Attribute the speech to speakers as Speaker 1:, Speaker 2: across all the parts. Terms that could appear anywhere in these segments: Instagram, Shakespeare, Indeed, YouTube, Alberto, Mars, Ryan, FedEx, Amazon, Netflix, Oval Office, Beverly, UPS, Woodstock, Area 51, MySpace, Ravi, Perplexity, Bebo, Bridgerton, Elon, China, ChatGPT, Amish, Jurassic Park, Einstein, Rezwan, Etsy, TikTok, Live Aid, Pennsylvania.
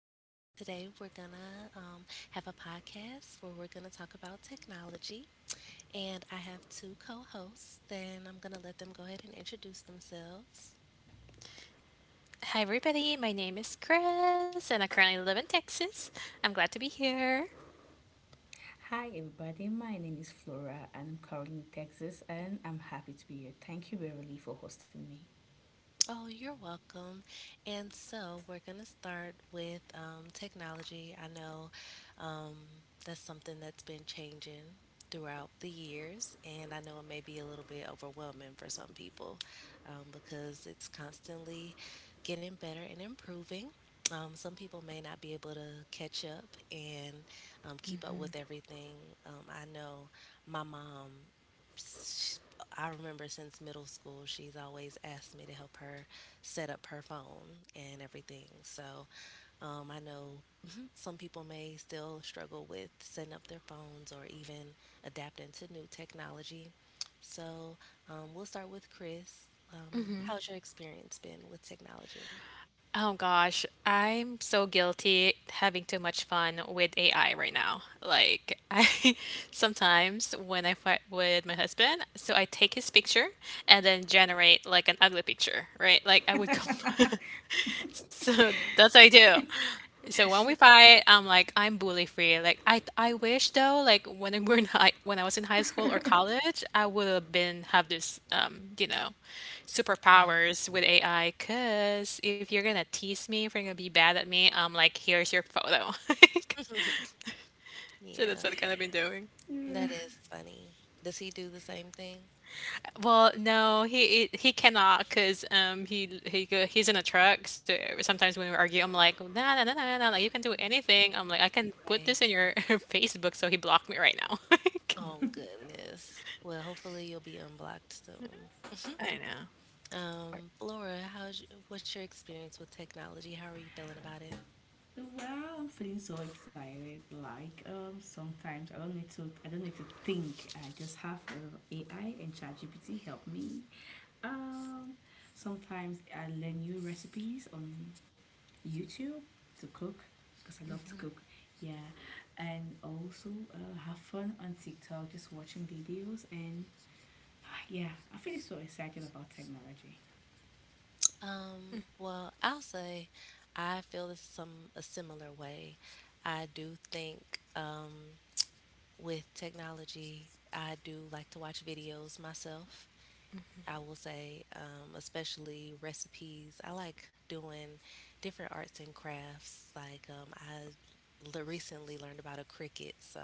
Speaker 1: and today we're gonna have a podcast where we're gonna talk about technology. And I have two co hosts, then I'm gonna let them go ahead and introduce themselves.
Speaker 2: Hi, everybody. My name is Chris, and I currently live in Texas. I'm glad to be here.
Speaker 3: Hi, everybody. My name is Flora, and I'm currently in Texas, and I'm happy to be here. Thank you, Beverly, for hosting me.
Speaker 1: Oh, you're welcome. And so we're going to start with technology. I know, um, that's something that's been changing throughout the years, and I know it may be a little bit overwhelming for some people because it's constantly getting better and improving. Some people may not be able to catch up and keep up with everything. I know my mom s- I remember since middle school, she's always asked me to help her set up her phone and everything. So I know some people may still struggle with setting up their phones or even adapting to new technology. So we'll start with Chris. How's your experience been with technology?
Speaker 2: Oh gosh, I'm so guilty having too much fun with AI right now. Like I sometimes when I fight with my husband, so I take his picture and then generate like an ugly picture, right? Like I would come. So that's what I do. So when we fight, I'm like, I'm bully free. Like I wish though, like when I was in high school or college, I would have been have this
Speaker 1: Yeah.
Speaker 2: superpowers with AI. Cause if you're gonna tease me, if you're gonna be bad at me, I'm like, here's your photo. So that's
Speaker 1: Yeah,
Speaker 2: what I've kind of been doing.
Speaker 3: Yeah.
Speaker 1: that is funny. Does he do the same thing?
Speaker 2: Well, no, he cannot because he's in a truck. So sometimes when we argue, I'm like, nah, nah, nah, nah, nah, like you can do anything. I'm like, I can put
Speaker 1: Right.
Speaker 2: this in your Facebook. So he blocked me right now. Like,
Speaker 1: Oh, goodness. Well, hopefully you'll be unblocked soon.
Speaker 2: I
Speaker 1: Laura, how's what's your experience with technology? How are you feeling about it?
Speaker 3: Well, I'm feeling so excited. Sometimes I don't need to. I don't need to think. I just have AI and ChatGPT help me. Um, Sometimes I learn new recipes on YouTube to cook because I love to cook. Yeah, and also have fun on TikTok, just watching videos and yeah, I feel so excited about technology.
Speaker 1: Well, I'll say I feel this some a similar way. I do think with technology, I do like to watch videos myself. I will say, especially recipes. I like doing different arts and crafts. Like I recently learned about a cricket, so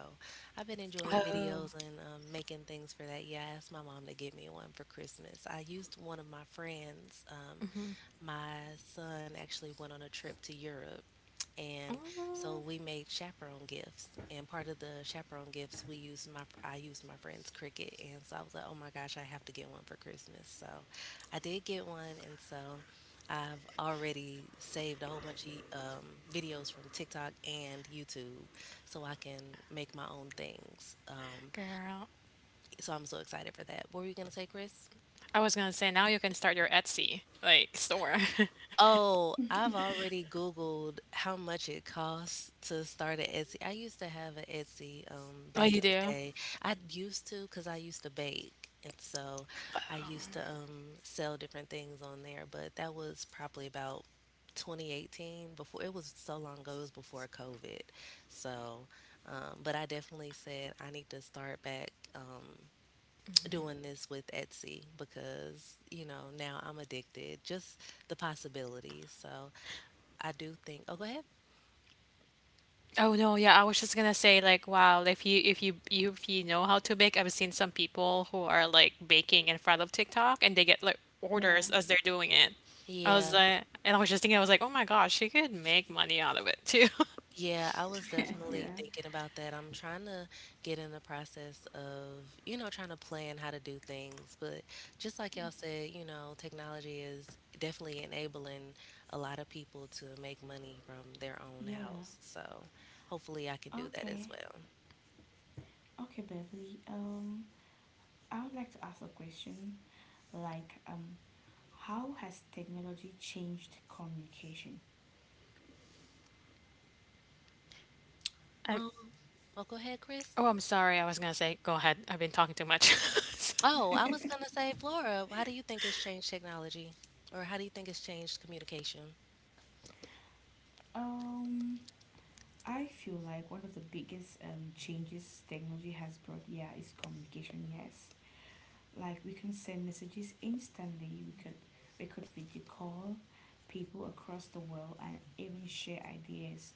Speaker 1: I've been enjoying
Speaker 2: know.
Speaker 1: videos and making things for that. Yeah, I asked my mom to get me one for Christmas. I used one of my friends. My son actually went on a trip to Europe, and
Speaker 2: Oh.
Speaker 1: so
Speaker 2: Mm.
Speaker 1: we made chaperone gifts. And part of the chaperone gifts, we used my I used my friend's cricket, and so I was like, oh my gosh, I have to get one for Christmas. So I did get one, and so. I've already saved a whole bunch of um, videos from TikTok and YouTube so I can make my own things.
Speaker 2: Girl,
Speaker 1: So I'm so excited for that. What were you going to say, Chris?
Speaker 2: I was gonna say now you can start your Etsy like store.
Speaker 1: Oh, I've already Googled how much it costs to start an Etsy. I used to have an Etsy
Speaker 2: Oh,
Speaker 1: back
Speaker 2: you
Speaker 1: in the
Speaker 2: do?
Speaker 1: day. I used to because I used to bake. And so I used to sell different things on there. But that was probably about 2018 before it was so long ago. It was before COVID. So, but I definitely said I need to start back. Doing this with Etsy because, you know, now I'm addicted. Just the possibilities. So I do think, oh, go ahead.
Speaker 2: Oh no, yeah, I was just gonna say like wow, if you, you if you know how to bake, I've seen some people who are like baking in front of TikTok and they get like
Speaker 3: Yeah.
Speaker 2: orders as they're doing it. I was
Speaker 1: Yeah,
Speaker 2: like, and I was just thinking, I was like, oh my gosh, she could make money out of it too.
Speaker 1: yeah, I was
Speaker 3: Yeah.
Speaker 1: definitely thinking about that. I'm trying to get in the process of, trying to plan how to do things. But just like y'all said, technology is definitely enabling a lot of people to make money from their own
Speaker 3: Yeah.
Speaker 1: house. So hopefully I can do that as
Speaker 3: Okay.
Speaker 1: well.
Speaker 3: Okay, Beverly. I would like to ask a question. Like, um, how has technology changed communication?
Speaker 2: I,
Speaker 1: Um, oh, go ahead, Chris.
Speaker 2: oh, I'm sorry, I was gonna say, go ahead. I've been talking too much.
Speaker 1: Oh, I was gonna say, Flora, how do you think it's changed technology? Or how do you think it's changed communication?
Speaker 3: Um, I feel like one of the biggest changes technology has brought, yeah, is communication. Yes, like we can send messages instantly. We could video call people across the world and even share ideas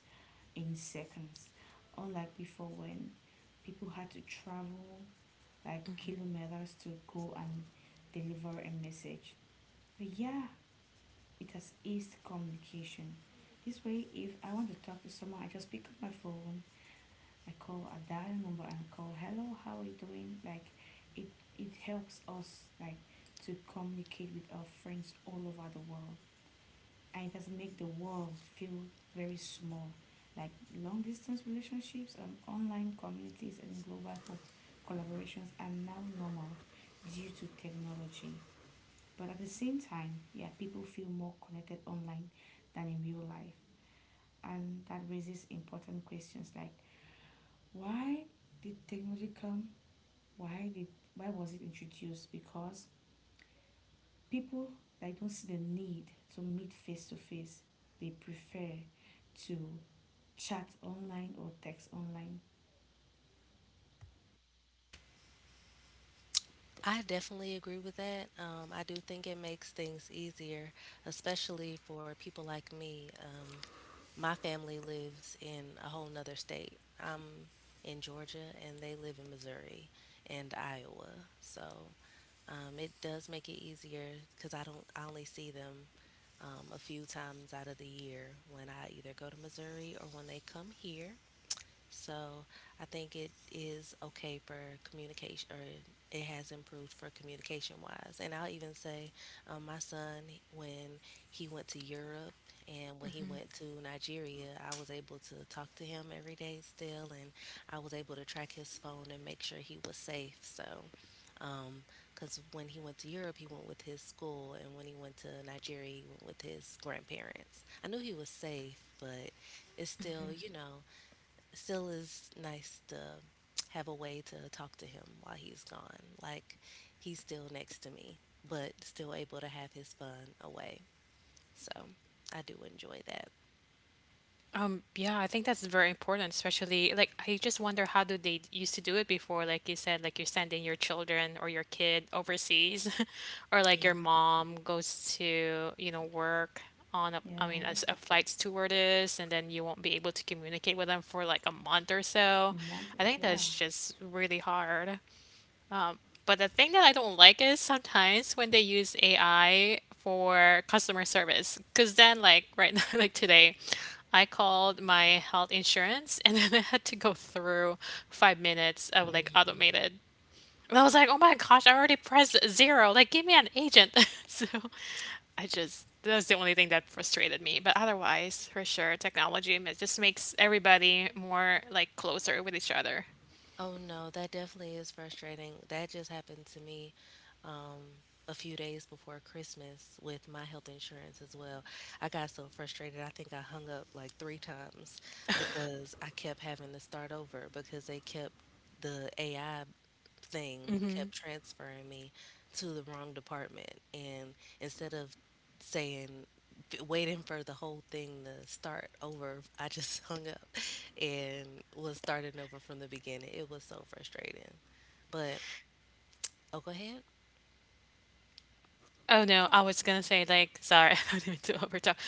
Speaker 3: in seconds, unlike before when people had to travel like kilometers to go and deliver a message. But yeah, it has eased communication. This way, if I want to talk to someone, I just pick up my phone, I call a dial number, and I call, "Hello, how are you doing?" Like, it it helps us like to communicate with our friends all over the world, and it has made the world feel very small. Like long distance relationships and online communities and global collaborations are now normal due to technology. But at the same time, yeah, people feel more connected online than in real life. And that raises important questions like why did technology come? Why did why was it introduced? Because people they don't see the need to meet face to face. They prefer to chat online or text online.
Speaker 1: I definitely agree with that. I do think it makes things easier, especially for people like me. My family lives in a whole nother state. I'm in Georgia and they live in Missouri and Iowa. So it does make it easier because I don't, I only see them a few times out of the year when I either go to Missouri or when they come here. So I think it is okay for communication, or it has improved for communication wise. And I'll even say, my son, when he went to Europe and when he went to Nigeria, I was able to talk to him every day still, and I was able to track his phone and make sure he was safe. So, because when he went to Europe, he went with his school, and when he went to Nigeria, he went with his grandparents. I knew he was safe, but it's still, still is nice to have a way to talk to him while he's gone. Like he's still next to me, but still able to have his fun away. So I do enjoy that.
Speaker 2: Yeah, I think that's very important, especially like I just wonder how do they used to do it before, like you said, like you're sending your children or your kid overseas, or like
Speaker 1: Yeah.
Speaker 2: your mom goes to, you know, work on a, I mean,
Speaker 3: Yeah.
Speaker 2: as a flight stewardess, and then you won't be able to communicate with them for like a month or so.
Speaker 3: Month.
Speaker 2: I think
Speaker 3: Yeah.
Speaker 2: that's just really hard. But the thing that I don't like is sometimes when they use AI for customer service, because then, like right now, like today, I called my health insurance and then I had to go through 5 minutes of like
Speaker 1: Mhm.
Speaker 2: automated. And I was like, oh my gosh, I already pressed zero. Like, give me an agent. So that was the only thing that frustrated me. But otherwise, for sure, technology just makes everybody more like closer with each other.
Speaker 1: Oh no, that definitely is frustrating. That just happened to me um, a few days before Christmas with my health insurance as well. I got so frustrated. I think I hung up like three times because I kept having to start over because they kept the AI thing kept transferring me to the wrong department. And instead of saying, waiting for the whole thing to start over, I just hung up and was starting over from the beginning. It was so frustrating. But, oh, go ahead.
Speaker 2: Oh no, I was gonna say like sorry, I didn't mean to overtalk.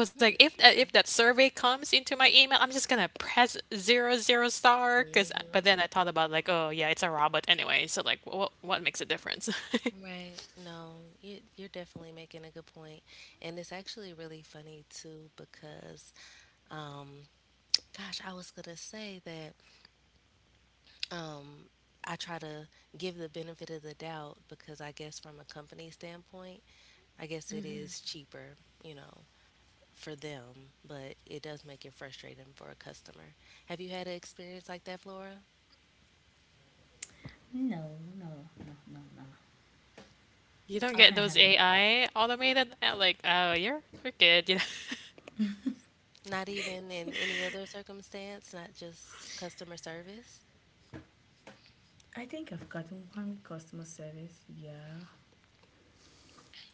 Speaker 2: I was like, if that survey comes into my email, I'm just gonna press zero zero star. Cause but
Speaker 1: Mm-hmm.
Speaker 2: then I thought about like, oh yeah, it's a robot anyway. So like, what makes a difference?
Speaker 1: Right. No, you're definitely making a good point. And it's actually really funny too because, um, gosh, I was gonna say that um, I try to give the benefit of the doubt because I guess from a company standpoint, I guess it is cheaper, you know, for them, but it does make it frustrating for a customer. Have you had an experience like that, Flora?
Speaker 3: No, no, no, no, no.
Speaker 2: You don't
Speaker 1: Oh,
Speaker 3: I
Speaker 2: get those
Speaker 3: haven't.
Speaker 2: AI automated like, oh you're good. You know?
Speaker 1: not even in any other circumstance, not just customer service?
Speaker 3: I think I've gotten one with customer service. Yeah.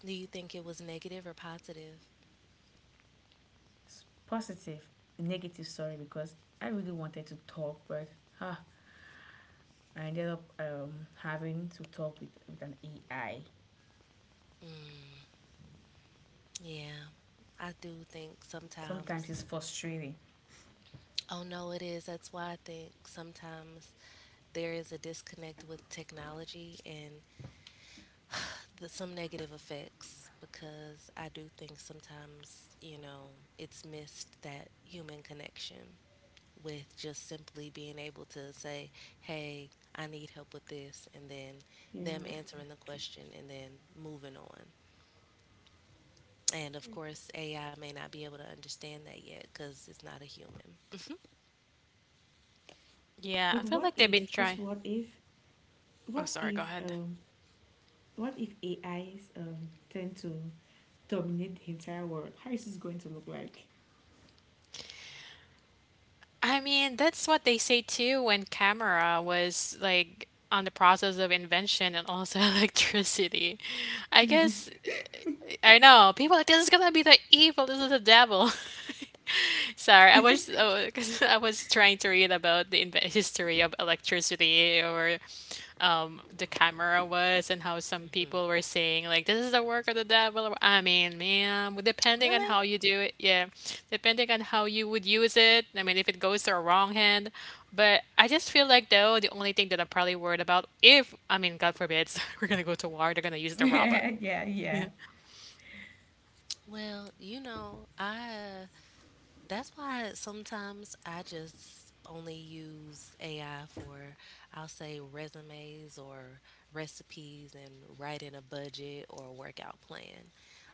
Speaker 1: Do you think it was negative or positive?
Speaker 3: Positive, negative, sorry, because I really wanted to talk, but ah, I ended up having to talk with, an AI.
Speaker 1: Yeah, I do think
Speaker 3: Sometimes
Speaker 1: sometimes.
Speaker 3: it's frustrating.
Speaker 1: Oh no, it is. That's why I think sometimes there is a disconnect with technology and the, some negative effects because I do think sometimes, it's missed that human connection with just simply being able to say, hey, I need help with this, and then them
Speaker 3: Yeah.
Speaker 1: answering the question and then moving on. And of course, AI may not be able to understand that yet because it's not a human.
Speaker 2: Yeah, I
Speaker 3: But
Speaker 2: feel
Speaker 3: what
Speaker 2: like they've been
Speaker 3: if, just
Speaker 2: trying.
Speaker 3: what if,
Speaker 2: Oh
Speaker 3: what
Speaker 2: sorry, go
Speaker 3: if,
Speaker 2: ahead.
Speaker 3: What if AIs tend to dominate the entire world? How is this going to look like?
Speaker 2: I mean, that's what they say too when camera was like on the process of invention and also electricity. I
Speaker 3: Yeah.
Speaker 2: guess I know people are like this is gonna be the evil. This is the devil. Sorry, I was oh, 'cause I was trying to read about the history of electricity or the camera was and how some
Speaker 1: Hmm.
Speaker 2: people were saying like this is the work of the devil. I mean, man, depending on
Speaker 1: Really?
Speaker 2: how you do it, yeah, depending on how you would use it. I mean, if it goes to a wrong hand, but I just feel like though the only thing that I'm probably worried about if I mean God forbids we're gonna go to war, they're gonna use the robot.
Speaker 3: Yeah, yeah.
Speaker 2: Yeah.
Speaker 1: Well, you know, I that's why sometimes I just only use AI for I'll say resumes or recipes and writing a budget or a workout plan.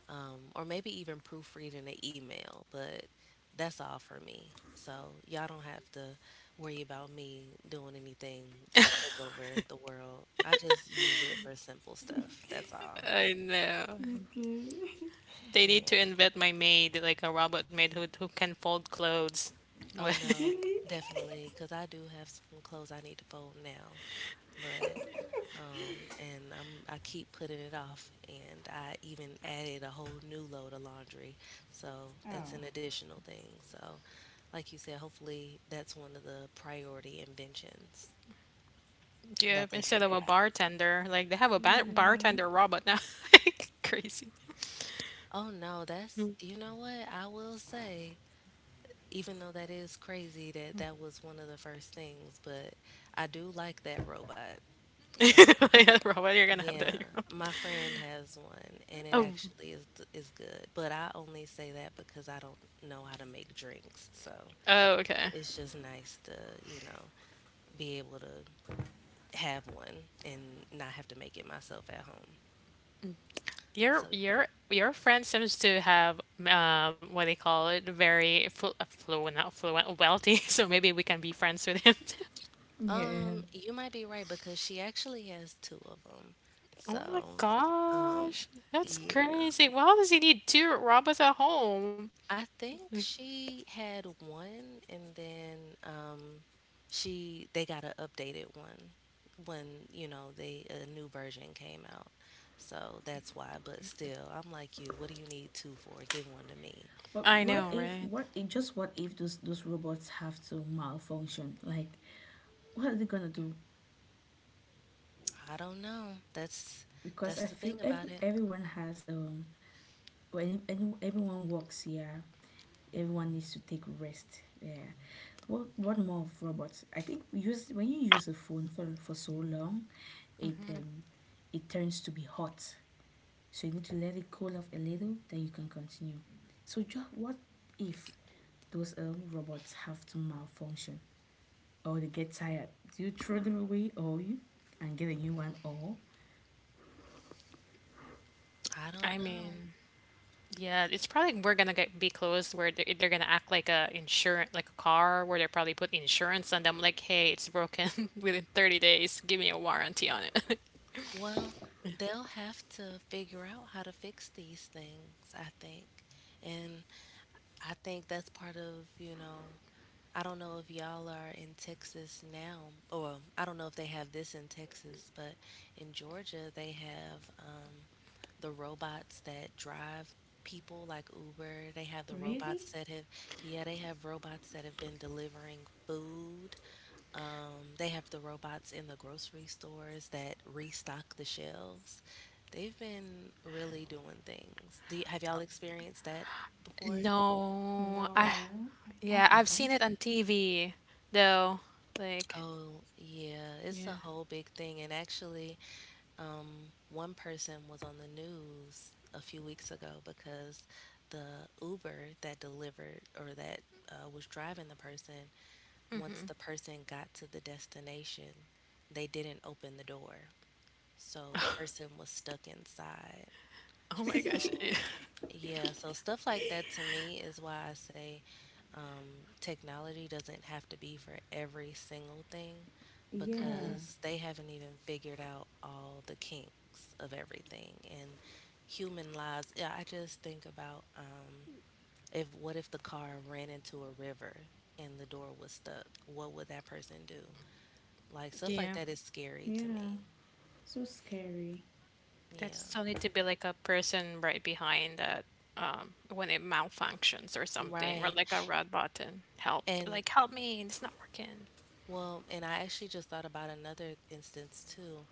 Speaker 1: Or maybe even proofreading an email, but that's all for me. So y'all don't have to worry about me doing anything to take over the world. I just use it for simple stuff. That's all.
Speaker 2: I know.
Speaker 3: Okay.
Speaker 2: They need
Speaker 1: Yeah.
Speaker 2: to invent my maid, like a robot maid who can fold clothes.
Speaker 1: Oh no,
Speaker 3: Really?
Speaker 1: definitely, because I do have some clothes I need to fold now, but and I keep putting it off, and I even added a whole new load of laundry, so that's
Speaker 3: Oh.
Speaker 1: an additional thing. So, like you said, hopefully that's one of the priority inventions
Speaker 2: Yeah,
Speaker 1: that they
Speaker 2: instead
Speaker 1: think
Speaker 2: of a
Speaker 1: about.
Speaker 2: bartender, like they have a ba
Speaker 3: Yeah.
Speaker 2: bartender robot now. Crazy.
Speaker 1: Oh no, that's you know what I will say. Even though that is crazy that that was one of the first things, but I do like that robot. um,
Speaker 2: Yeah, robot, you're gonna have
Speaker 1: Yeah,
Speaker 2: that in your.
Speaker 1: my friend has one, and it
Speaker 2: Oh,
Speaker 1: actually is good. But I only say that because I don't know how to make drinks, so
Speaker 2: oh, okay.
Speaker 1: it's just nice to you know be able to have one and not have to make it myself at home.
Speaker 2: Your
Speaker 1: So yeah,
Speaker 2: your your friend seems to have what they call it, very fluent, not fluent, wealthy. So maybe we can be friends with him too.
Speaker 3: Yeah.
Speaker 1: you might be right because she actually has two of them. So,
Speaker 2: Oh my
Speaker 1: um,
Speaker 2: gosh, that's
Speaker 1: yeah,
Speaker 2: crazy. Why does he need two robots at home?
Speaker 1: I think she had one, and then she they got an updated one when they a new version came out. So that's why. But still, I'm like you. What do you need two for? Give one to me.
Speaker 3: But
Speaker 2: I
Speaker 1: Yeah.
Speaker 2: know, right?
Speaker 3: what if just what if those robots have to malfunction? Like what are they gonna do?
Speaker 1: I don't know. That's
Speaker 3: Because
Speaker 1: that's
Speaker 3: I
Speaker 1: the
Speaker 3: feel
Speaker 1: thing about it.
Speaker 3: everyone has when any, everyone works here, everyone needs to take rest. Yeah. What more of robots? I think we use when you use a phone for so long, it it turns to be hot. So you need to let it cool off a little, then you can continue. So just what if those robots have to malfunction or they get tired? Do you throw them away or you and get a new one or?
Speaker 1: I
Speaker 2: I
Speaker 1: don't know.
Speaker 2: mean, yeah, it's probably we're gonna get be closed where they're gonna act like a insurance like a car where they probably put insurance on them like hey it's broken within 30 days give me a warranty on it.
Speaker 1: Well, they'll have to figure out how to fix these things. I think, and I think that's part of I don't know if y'all are in Texas now, or I don't know if they have this in Texas, but in Georgia they have the robots that drive people like Uber. They have the
Speaker 3: Really?
Speaker 1: robots that have, yeah, they have robots that have been delivering food. They have the robots in the grocery stores that restock the shelves. They've been really doing things. Do you, have y'all experienced that before?
Speaker 2: No, I
Speaker 3: No, I
Speaker 2: yeah I've seen
Speaker 3: haven't.
Speaker 2: it on TV though like
Speaker 1: Oh, yeah, it's a
Speaker 2: yeah
Speaker 1: whole big thing. And actually, one person was on the news a few weeks ago because the Uber that delivered or that was driving the person, once the person got to the destination, they didn't open the door. So the person was stuck inside.
Speaker 2: oh my
Speaker 1: So,
Speaker 2: gosh yeah.
Speaker 1: yeah, so stuff like that to me is why I say technology doesn't have to be for every single thing
Speaker 3: Yeah,
Speaker 1: because they haven't even figured out all the kinks of everything and human lives. Yeah, I just think about if what if the car ran into a river and the door was stuck? What would that person do? Like stuff like
Speaker 2: Yeah,
Speaker 1: that is scary to
Speaker 3: yeah,
Speaker 1: me.
Speaker 3: so scary.
Speaker 2: that
Speaker 1: Yeah.
Speaker 2: still need to be like a person right behind that when it malfunctions or something or
Speaker 1: Right.
Speaker 2: like a red button help
Speaker 1: And
Speaker 2: like help me, it's not working.
Speaker 1: Well, and I actually just thought about another instance too.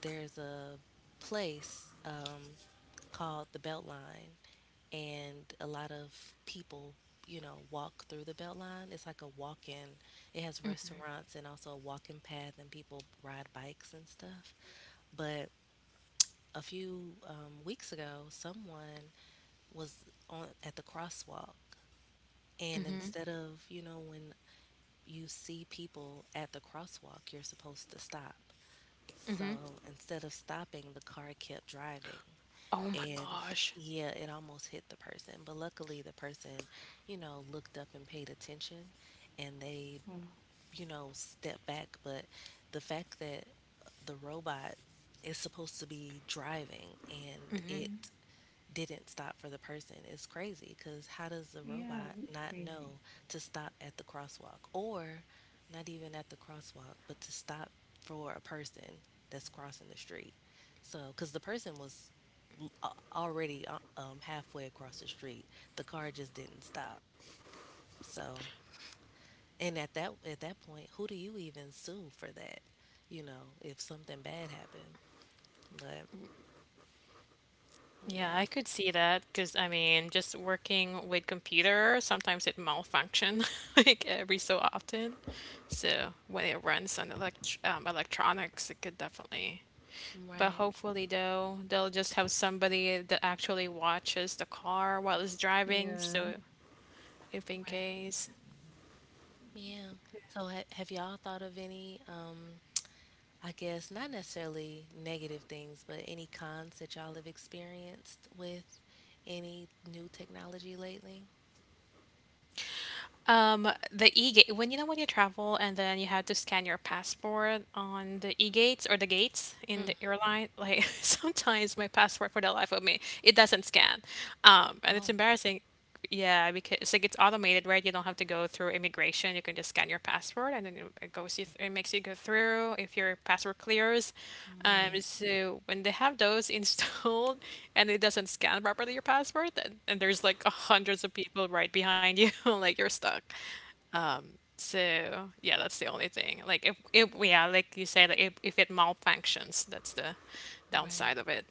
Speaker 1: There's a place called the Beltline, and a lot of people, walk through the Beltline. It's like a walk in, it has restaurants and also a walking path, and people ride bikes and stuff. But a few weeks ago, someone was on at the crosswalk, and instead of, you know, when you see people at the crosswalk, you're supposed to stop. So instead of stopping, the car kept driving.
Speaker 2: Oh my
Speaker 1: And
Speaker 2: gosh.
Speaker 1: yeah, it almost hit the person. But luckily, the person, you know, looked up and paid attention and they,
Speaker 3: Oh,
Speaker 1: you know, stepped back. But the fact that the robot is supposed to be driving and
Speaker 3: yeah,
Speaker 1: it didn't stop for the person is crazy because how does the
Speaker 3: yeah,
Speaker 1: robot
Speaker 3: really
Speaker 1: not
Speaker 3: crazy.
Speaker 1: know to stop at the crosswalk or not even at the crosswalk, but to stop for a person that's crossing the street? So, because the person was a- already halfway across the street, the car just didn't stop. So, and at that point, who do you even sue for that? You know, if something bad happened. But
Speaker 2: Yeah, I
Speaker 1: yeah,
Speaker 2: could see that because I mean, just working with computer, sometimes it malfunction like every so often. So when it runs on electronics, it could definitely. But
Speaker 1: right,
Speaker 2: hopefully, though, they'll just have somebody that actually watches the car while it's driving.
Speaker 3: Yeah.
Speaker 2: So if in
Speaker 1: right.
Speaker 2: case.
Speaker 1: Yeah. So ha have y'all thought of any, I guess not necessarily negative things, but any cons that y'all have experienced with any new technology lately?
Speaker 2: The e-gate when you know when you travel and then you had to scan your passport on the e-gates or the gates in
Speaker 1: Mm.
Speaker 2: the airline, like sometimes my passport for the life of me, it doesn't scan. And
Speaker 1: Oh,
Speaker 2: it's embarrassing. Yeah, because it's like it's automated, right? You don't have to go through immigration, you can just scan your passport and then it goes you th it makes you go through if your passport clears. Um,
Speaker 1: right,
Speaker 2: so when they have those installed and it doesn't scan properly your passport, then, and there's like hundreds of people right behind you, like you're stuck. Um, so yeah, that's the only thing. Like if yeah, like you said, like if it malfunctions, that's the
Speaker 1: right.
Speaker 2: downside of it.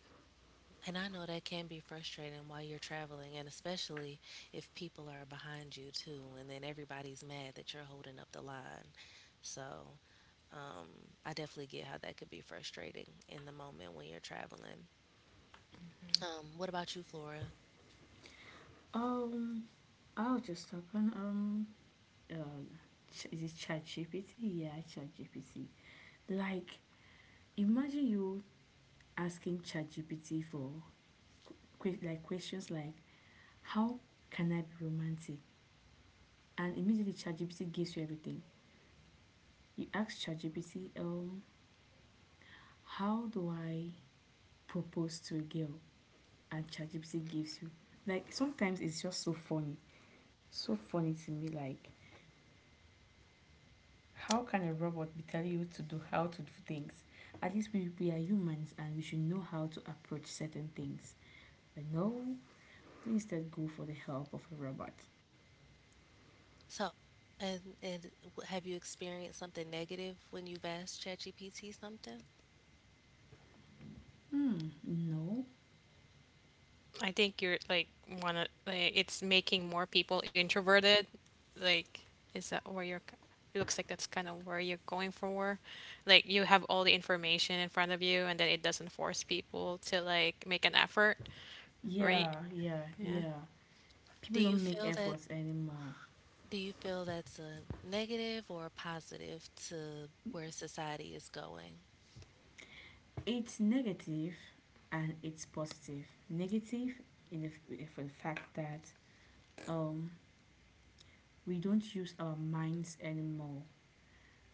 Speaker 1: And I know that can be frustrating while you're traveling, and especially if people are behind you too, and then everybody's mad that you're holding up the line. So, um, I definitely get how that could be frustrating in the moment when you're traveling. What about you, Flora?
Speaker 3: Um, I was just talking. Uh, is it ChatGPT? Yeah, ChatGPT. Like, imagine you asking ChatGPT for like questions like, "How can I be romantic?" And immediately ChatGPT gives you everything. You ask ChatGPT, "How do I propose to a girl?" And ChatGPT gives you. Like, sometimes it's just so funny to me. Like, how can a robot be telling you to do how to do things? At least we are humans and we should know how to approach certain things. But no, we instead go for the help of a robot.
Speaker 1: So, and have you experienced something negative when you've asked ChatGPT something?
Speaker 3: Hmm, no.
Speaker 2: I think you're like one of like, it's making more people introverted. Like, is that where you're? It looks like that's kind of where you're going for. Like, you have all the information in front of you, and then it doesn't force people to like make an effort, right?
Speaker 3: Yeah, yeah,
Speaker 2: Yeah.
Speaker 3: yeah.
Speaker 1: Do
Speaker 3: People
Speaker 1: you
Speaker 3: don't make
Speaker 1: feel that
Speaker 3: efforts anymore.
Speaker 1: do you feel that's a negative or a positive to where society is going?
Speaker 3: It's negative and it's positive. Negative in the, for the fact that um we don't use our minds anymore.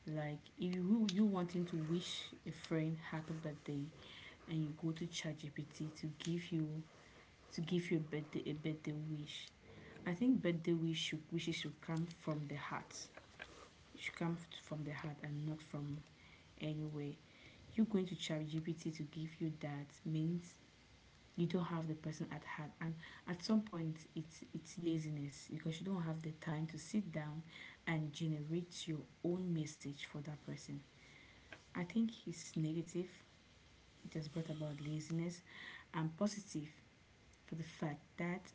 Speaker 3: Like if you wanting to wish a friend happy birthday, and you go to ChatGPT to give you a birthday wish. I think wishes should come from the heart. It should come from the heart and not from anywhere. You going to ChatGPT to give you that means you don't have the person at heart, and at some point it's laziness because you don't have the time to sit down and generate your own message for that person. I think it's negative. It has brought about laziness and positive for the fact that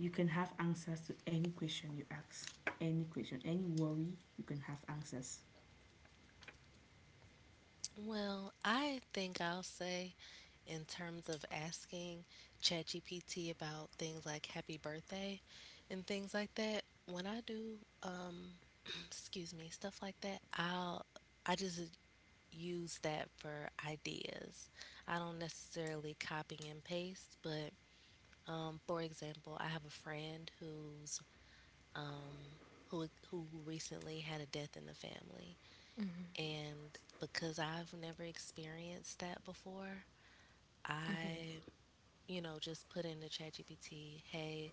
Speaker 3: you can have answers to any question you ask. Any question, any worry, you can have answers.
Speaker 1: Well, I think I'll say in terms of asking ChatGPT about things like happy birthday and things like that, when I do excuse me, stuff like that, I just use that for ideas. I don't necessarily copy and paste, but for example, I have a friend um, who who recently had a death in the family, and because I've never experienced that before, I you know just put into ChatGPT, hey,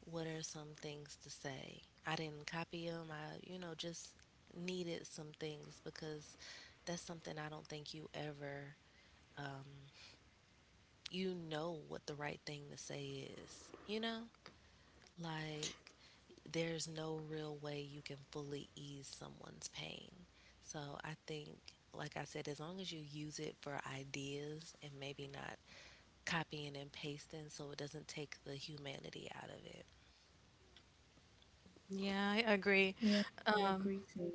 Speaker 1: what are some things to say? I didn't copy them. I you know just needed some things because that's something I don't think you ever um, you know what the right thing to say is. You know, like there's no real way you can fully ease someone's pain. So I think, like I said, as long as you use it for ideas and maybe not copying and pasting so it doesn't take the humanity out of it.
Speaker 2: Yeah, I agree.
Speaker 3: Yeah, I agree too.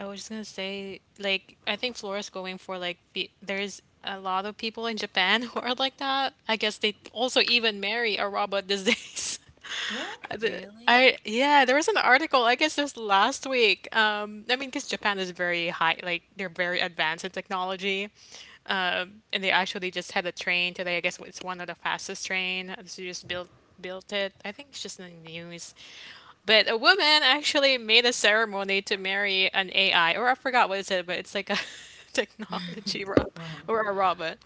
Speaker 2: I was just gonna say, like, I think Flora's going for like be there's a lot of people in Japan who are like that. I guess they also even marry a robot these days.
Speaker 3: What?
Speaker 1: Really?
Speaker 2: I yeah, there was an article, I guess just last week. I mean, because Japan is very high, like they're very advanced in technology. And they actually just had a train today. I guess it's one of the fastest train. So you just built it. I think it's just in the news. But a woman actually made a ceremony to marry an AI, or I forgot what it said, but it's like a technology rob
Speaker 3: Wow.
Speaker 2: or a robot.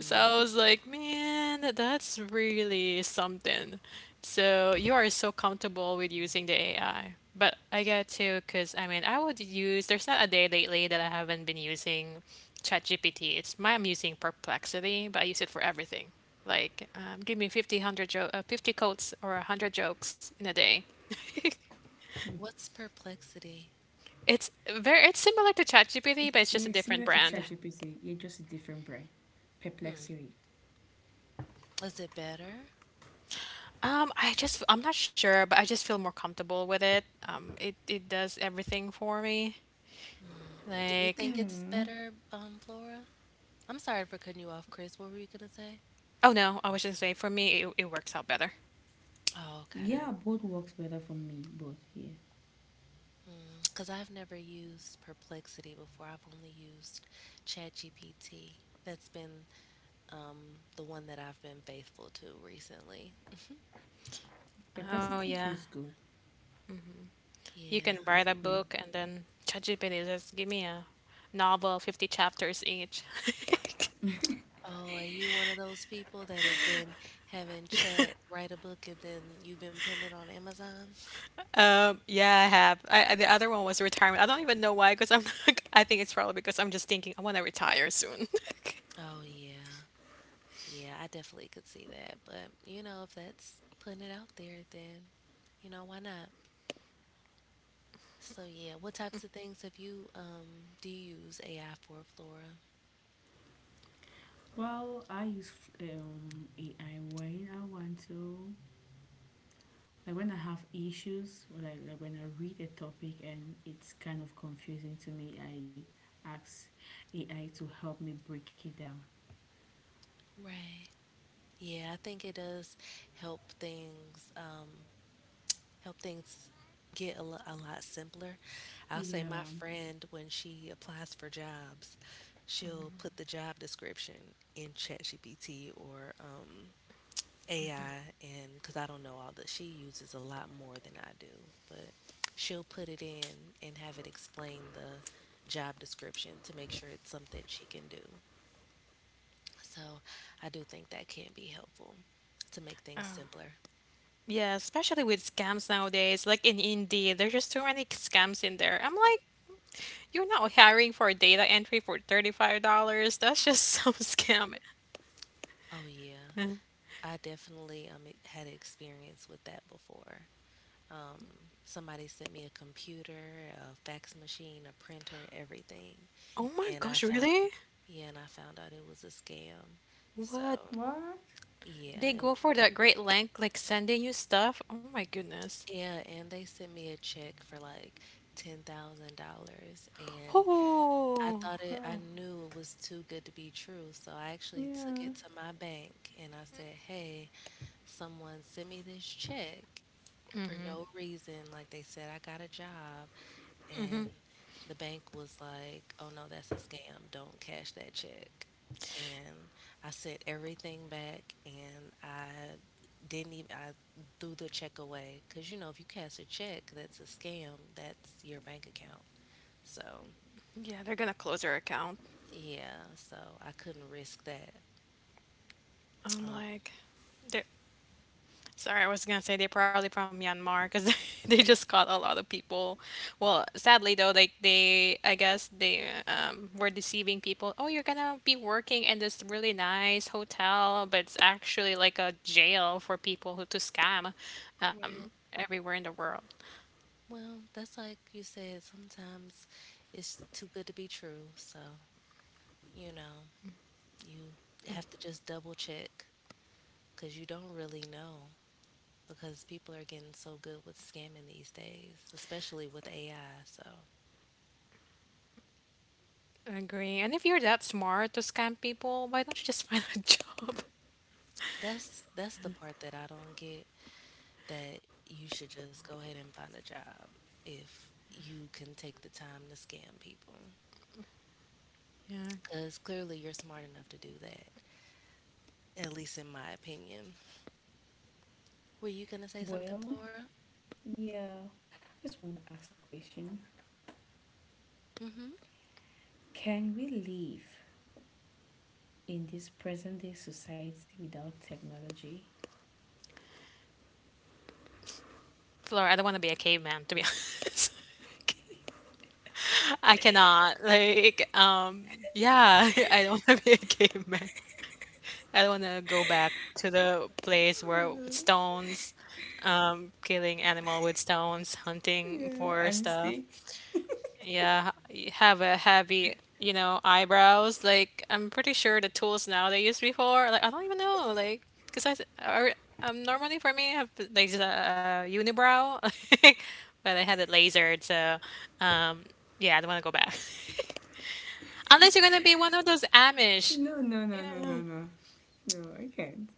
Speaker 2: So I was like, man, that's really something. So you are so comfortable with using the AI. But I get to, because I mean, I would use, there's not a day lately that I haven't been using ChatGPT. It's my, I'm using Perplexity, but I use it for everything. Like, give me 50, 100 50 quotes or 100 jokes in a day.
Speaker 1: What's perplexity?
Speaker 2: It's very it's similar to ChatGPT, but it's
Speaker 3: Yeah,
Speaker 2: just a
Speaker 3: it's similar
Speaker 2: different
Speaker 3: to
Speaker 2: brand.
Speaker 3: ChatGPT. You just a different brain.
Speaker 1: Hmm.
Speaker 3: Perplexity.
Speaker 1: Is it better?
Speaker 2: I just I'm not sure, but I just feel more comfortable with it. It it does everything for me.
Speaker 1: Hmm. Do you
Speaker 2: Like,
Speaker 1: think it's
Speaker 3: Hmm.
Speaker 1: better, Flora? I'm sorry for cutting you off, Chris. What were you gonna say?
Speaker 2: oh no, I was just say for me it it works out better.
Speaker 1: Oh, okay.
Speaker 3: Yeah, both works better for me, but yeah.
Speaker 1: Because I've never used Perplexity before. I've only used ChatGPT. That's been the one that I've been faithful to recently.
Speaker 2: Oh
Speaker 3: Perplexity too
Speaker 2: yeah,
Speaker 3: is good.
Speaker 2: you can
Speaker 1: Yeah.
Speaker 2: write
Speaker 3: It's
Speaker 2: a
Speaker 3: great.
Speaker 2: book and then ChatGPT just give me a novel, 50 chapters each.
Speaker 1: Oh, are you one of those people that have been having chat write a book and then you've been putting it on Amazon?
Speaker 2: Yeah, I have. The other one was retirement. I don't even know why, because I'm not, I think it's probably because I'm just thinking I want to retire soon.
Speaker 1: Oh, yeah. Yeah, I definitely could see that. But, you know, if that's putting it out there, then, you know, why not? So, yeah, what types of things have you, do you use AI for, Flora?
Speaker 3: Well, I use AI when I want to. Like when I have issues, like when I read a topic and it's kind of confusing to me, I ask AI to help me break it down.
Speaker 1: Right. Yeah, I think it does help things um, help things get a lot simpler. I'll say my
Speaker 3: Yeah.
Speaker 1: friend when she applies for jobs, she'll put the job description in ChatGPT or AI, and because I don't know all that, she uses a lot more than I do, but she'll put it in and have it explain the job description to make sure it's something she can do. So I do think that can be helpful to make things simpler.
Speaker 2: Yeah, especially with scams nowadays, like in Indeed, there's just too many scams in there. I'm like, you're not hiring for data entry for $35. That's just some scam.
Speaker 1: Oh yeah,
Speaker 2: Uh,
Speaker 1: I definitely had experience with that before. Um, somebody sent me a computer, a fax machine, a printer, everything,
Speaker 2: Oh my
Speaker 1: and I
Speaker 2: gosh,
Speaker 1: found
Speaker 2: really?
Speaker 1: yeah, and I found out it was a scam. So
Speaker 2: What?
Speaker 3: What?
Speaker 1: yeah,
Speaker 2: They go for that great length, like sending you stuff? Oh my goodness.
Speaker 1: yeah, and they sent me a check for like $10,000, and I
Speaker 2: Oh,
Speaker 1: thought it, I
Speaker 3: Huh.
Speaker 1: knew it was too good to be true. So I actually took
Speaker 3: Yeah.
Speaker 1: it to my bank and I said, hey, someone sent me this check for no reason. Like they said, I got a job, and the bank was like, "Oh no, that's a scam. Don't cash that check." And I sent everything back, and I didn't even I threw the check away because you know if you cash a check, that's a scam. That's your bank account. So
Speaker 2: yeah, they're gonna close their account.
Speaker 1: yeah, so I couldn't risk that. Uh,
Speaker 2: I'm like, they're sorry, I was gonna say they're probably from Myanmar because they just caught a lot of people. Well, sadly though, like they, I guess they were deceiving people. Oh, you're gonna be working in this really nice hotel, but it's actually like a jail for people who to scam,
Speaker 1: right.
Speaker 2: everywhere in the world.
Speaker 1: Well, that's like you said. Sometimes it's too good to be true. So you know. You have to just double check because you don't really know because people are getting so good with scamming these days, especially with AI. So
Speaker 2: Agree. And if you're that smart to scam people, why don't you just find a job?
Speaker 1: that's the part that I don't get that you should just go ahead and find a job if you can take the time to scam people
Speaker 2: Yeah.
Speaker 1: because clearly you're smart enough to do that. At least in my opinion. Were you gonna say something,
Speaker 3: Well,
Speaker 1: Flora?
Speaker 3: yeah. I just want to ask a question.
Speaker 1: Mm-hmm.
Speaker 3: Can we live in this present day society without technology?
Speaker 2: Flora, I don't want to be a caveman to be honest. I cannot. Yeah, I don't want to be a caveman. I don't want to go back to the place where killing animal with stones, hunting
Speaker 3: Yeah.
Speaker 2: for
Speaker 3: And
Speaker 2: stuff.
Speaker 3: sticks?
Speaker 2: Yeah, have a heavy, you know, eyebrows. Like, I'm pretty sure the tools now they used before. Like, I don't even know. Like, because I, I, normally for me, I have like just a unibrow, but I had it lasered, so, um, yeah, I don't want to go back. Unless you're gonna be one of those Amish.
Speaker 3: No, no,
Speaker 2: You
Speaker 3: no, no, no,
Speaker 2: know.
Speaker 3: no. No, I can't.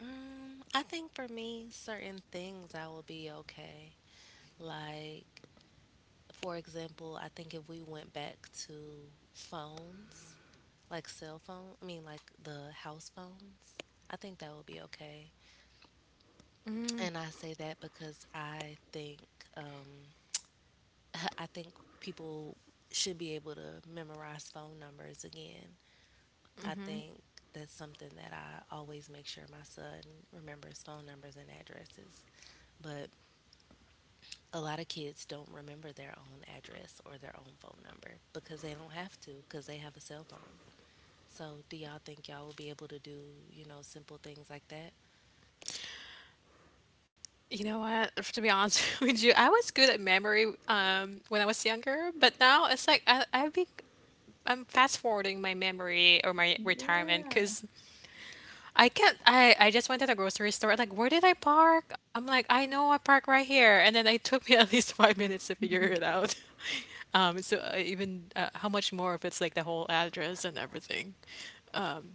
Speaker 1: I think for me, certain things I will be okay. Like for example, I think if we went back to phones, like cell phone, I mean like the house phones, I think that would be okay. And I say that because I think um, I think people should be able to memorize phone numbers again. I think that's something that I always make sure my son remembers phone numbers and addresses. But a lot of kids don't remember their own address or their own phone number because they don't have to because they have a cell phone. So, do y'all think y'all will be able to do, you know, simple things like that?
Speaker 2: You know what? To be honest with you, I was good at memory when I was younger, but now it's like I'm fast forwarding my memory or my retirement
Speaker 3: Yeah.
Speaker 2: because I can't. I just went to the grocery store. Like, where did I park? I'm like, I know I park right here, and then it took me at least 5 minutes to figure it out. So even How much more if it's like the whole address and everything.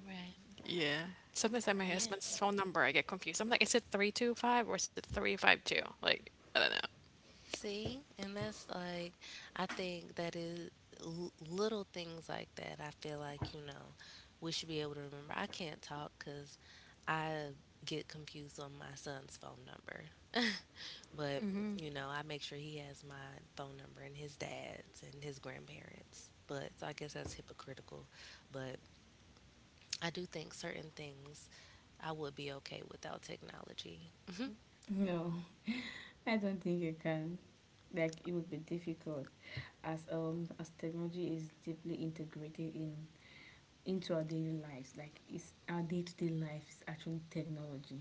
Speaker 1: Right.
Speaker 2: Yeah. Sometimes I have my
Speaker 1: Yeah.
Speaker 2: husband's phone number, I get confused. I'm like, is it 325 or is it 352? Like, I don't know.
Speaker 1: See, and that's like, I think that is little things like that. I feel like, you know, we should be able to remember. I can't talk because I get confused on my son's phone number. But, you know, I make sure he has my phone number and his dad's and his grandparents. But so I guess that's hypocritical. But I do think certain things I would be okay without technology. Mhm.
Speaker 3: No. I don't think you can. Like it would be difficult as technology is deeply integrated in into our daily lives. Like it's our day to day life is actually technology.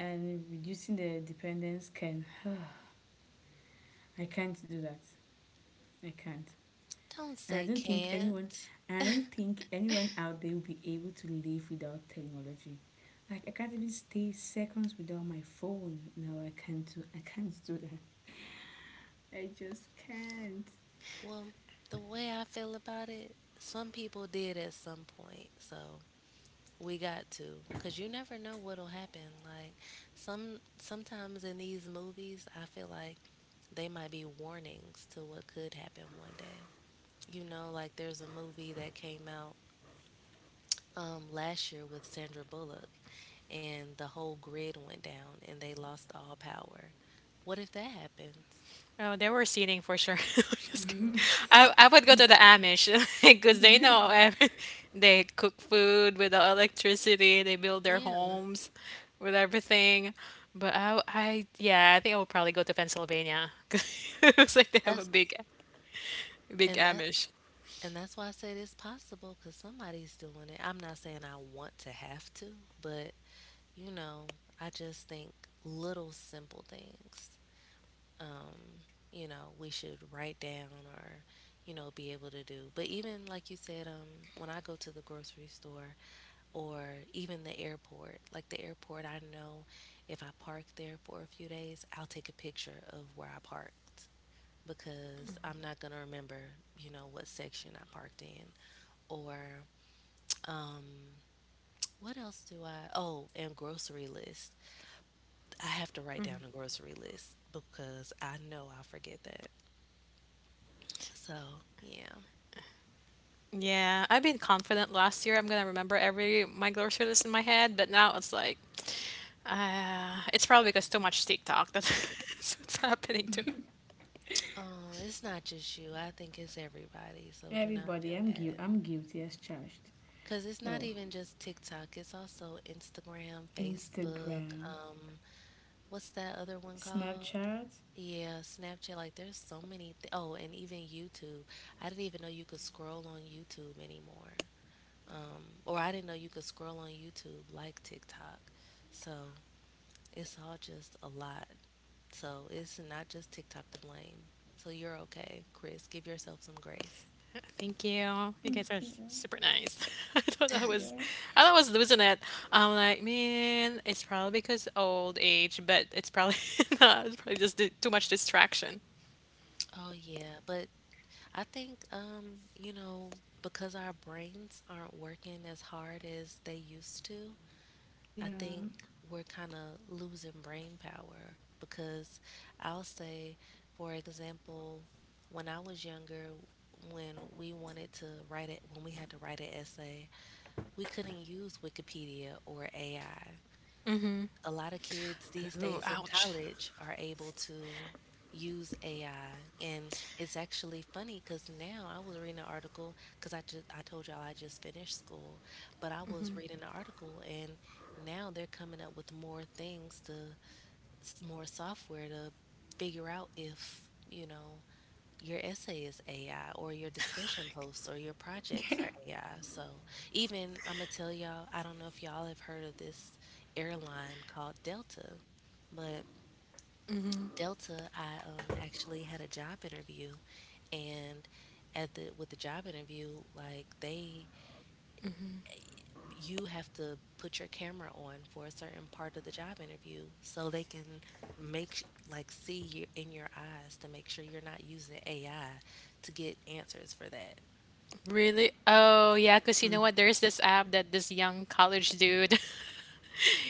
Speaker 3: And reducing the dependence can I can't do that. I can't.
Speaker 1: Don't
Speaker 3: And I
Speaker 1: say
Speaker 3: don't think anyone
Speaker 1: can't.
Speaker 3: and I don't think anyone out there will be able to live without technology. Like I can't even stay seconds without my phone. No, I can't do that. I just can't.
Speaker 1: Well, the way I feel about it, some people did at some point. So we got to cuz you never know what'll happen. Like sometimes in these movies, I feel like they might be warnings to what could happen one day. You know, like there's a movie that came out last year with Sandra Bullock, and the whole grid went down and they lost all power. What if that happens?
Speaker 2: Oh, they were seating for sure. Just kidding. I would go to the Amish because they know they cook food without electricity, they build their
Speaker 1: Yeah,
Speaker 2: homes with everything. But I yeah, I think I would probably go to Pennsylvania because it looks like they have a
Speaker 1: that's
Speaker 2: big
Speaker 1: and that
Speaker 2: Amish.
Speaker 1: and that's why I said it's possible because somebody's doing it. I'm not saying I want to have to, but you know, I just think little simple things. Um, you know, we should write down or you know be able to do. But even like you said, when I go to the grocery store, or even the airport. Like the airport, I know if I park there for a few days, I'll take a picture of where I parked because I'm not going to remember, you know, what section I parked in. Or um what else do I Oh, and grocery list. I have to write down a grocery list because I know I'll forget that. So, yeah.
Speaker 2: Yeah, I've been confident last year. I'm gonna remember every my grocery list in my head, but now it's like, it's probably because too much TikTok. That's That's what's happening to me.
Speaker 1: It's not just you. I think it's everybody. So do not
Speaker 3: Everybody,
Speaker 1: feel
Speaker 3: I'm
Speaker 1: bad.
Speaker 3: guilty. I'm guilty as charged.
Speaker 1: Because it's not
Speaker 3: Oh,
Speaker 1: even just TikTok, it's also Instagram, Facebook.
Speaker 3: Instagram,
Speaker 1: What's that other one called?
Speaker 3: Snapchat.
Speaker 1: Yeah, Snapchat. Like, there's so many. Oh, and even YouTube. I didn't even know you could scroll on YouTube anymore. Or I didn't know you could scroll on YouTube like TikTok. So it's all just a lot. So it's not just TikTok to blame. So you're okay, Chris. Give yourself some grace.
Speaker 2: Thank you. You
Speaker 3: Mm,
Speaker 2: guys are super nice. I thought I
Speaker 3: yeah,
Speaker 2: was, I thought I was losing it. I'm like, man, it's probably because old age, but it's probably not. It's probably just too much distraction.
Speaker 1: Oh yeah, but I think, you know, because our brains aren't working as hard as they used to, I think
Speaker 3: yeah,
Speaker 1: we're kind of losing brain power. Because I'll say, for example, when I was younger, when we wanted to write it, when we had to write an essay, we couldn't use Wikipedia or AI a lot of kids these
Speaker 2: Ooh,
Speaker 1: days in
Speaker 2: ouch.
Speaker 1: college are able to use AI. And it's actually funny because now I was reading an article because I told y'all I just finished school, but I was reading an article and now they're coming up with more things to more software to figure out if you know your essay is AI or your discussion posts or your
Speaker 3: yeah.
Speaker 1: projects are AI. So even I'ma tell y'all, I don't know if y'all have heard of this airline called Delta, but Delta, I actually had a job interview and at the with the job interview, like they you have to put your camera on for a certain part of the job interview so they can like see you in your eyes to make sure you're not using AI to get answers for that.
Speaker 2: Really? Oh, yeah, because you
Speaker 3: Hmm.
Speaker 2: know what? There's this app that this young college dude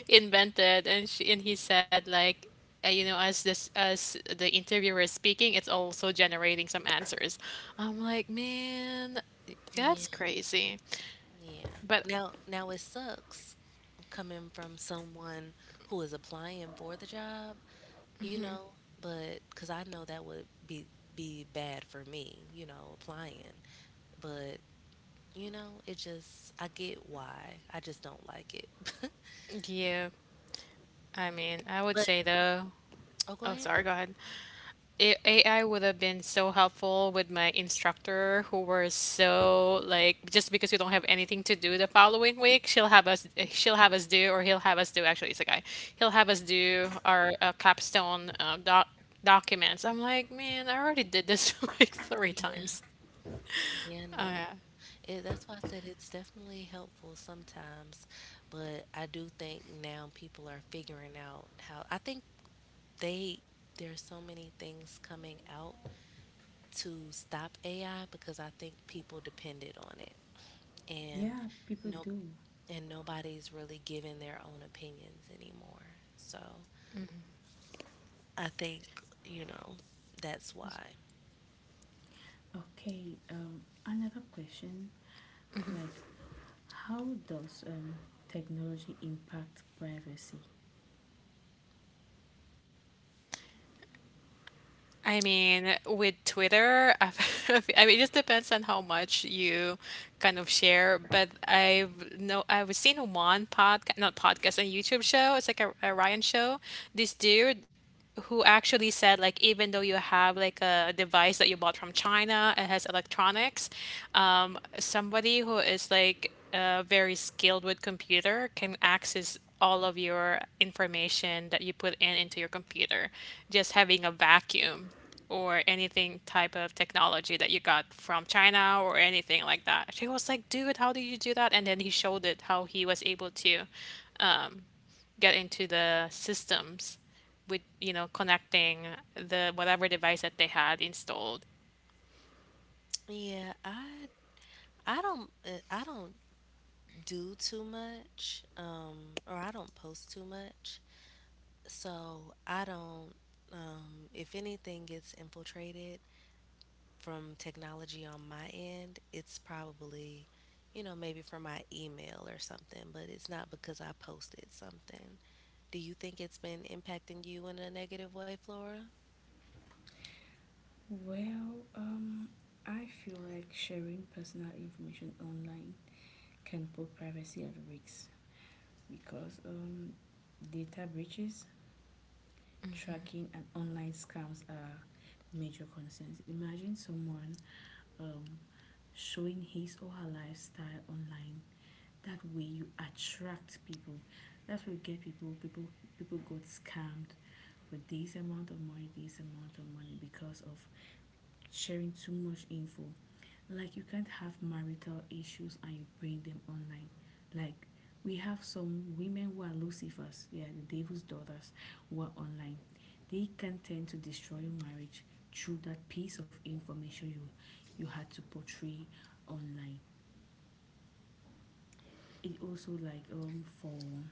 Speaker 2: invented and she and he said like as this as the interviewer is speaking, it's also generating some answers. I'm like, man, that's crazy.
Speaker 1: Yeah.
Speaker 2: But
Speaker 1: Now it sucks coming from someone who is applying for the job, you know, but because I know that would be bad for me, you know, applying. But you know, it just I get why. I just don't like it.
Speaker 2: yeah, I mean, I would
Speaker 1: But
Speaker 2: say though.
Speaker 1: oh, go
Speaker 2: Oh,
Speaker 1: ahead.
Speaker 2: sorry, go ahead. AI would have been so helpful with my instructor who were so like just because we don't have anything to do the following week, she'll have us do or he'll have us do, actually it's a guy. He'll have us do our capstone documents. I'm like, man, I already did this like three
Speaker 1: Yeah,
Speaker 2: times.
Speaker 1: yeah, no. It, that's why I said it's definitely helpful sometimes, but I do think now people are figuring out how. I think they there's so many things coming out to stop AI because I think people depended on it and
Speaker 3: Yeah, people
Speaker 1: no
Speaker 3: do.
Speaker 1: and nobody's really giving their own opinions anymore. So I think, you know, that's why.
Speaker 3: Okay. Another question. Like, how does technology impact privacy?
Speaker 2: I mean, with Twitter, I mean, it just depends on how much you kind of share. But I've seen one podcast, not podcast, a YouTube show. It's like a Ryan show. This dude who actually said like even though you have like a device that you bought from China and has electronics, somebody who is like very skilled with computer can access all of your information that you put in into your computer, just having a vacuum or anything type of technology that you got from China or anything like that. She was like, "Dude, how do you do that?" And then he showed it how he was able to get into the systems with, you know, connecting the whatever device that they had installed.
Speaker 1: Yeah, I don't I don't do too much or I don't post too much. So I don't if anything gets infiltrated from technology on my end, it's probably, you know, maybe from my email or something, but it's not because I posted something. Do you think it's been impacting you in a negative way, Flora?
Speaker 3: Well, I feel like sharing personal information online can put privacy at risk because data breaches, tracking and online scams are major concerns. Imagine someone um, showing his or her lifestyle online. That way you attract people. That's what you get people. People got scammed with this amount of money, this amount of money because of sharing too much info. Like you can't have marital issues and you bring them online. Like we have some women who are lucifers, yeah, the devil's daughters, who are online. They can tend to destroy your marriage through that piece of information you you had to portray online. It also like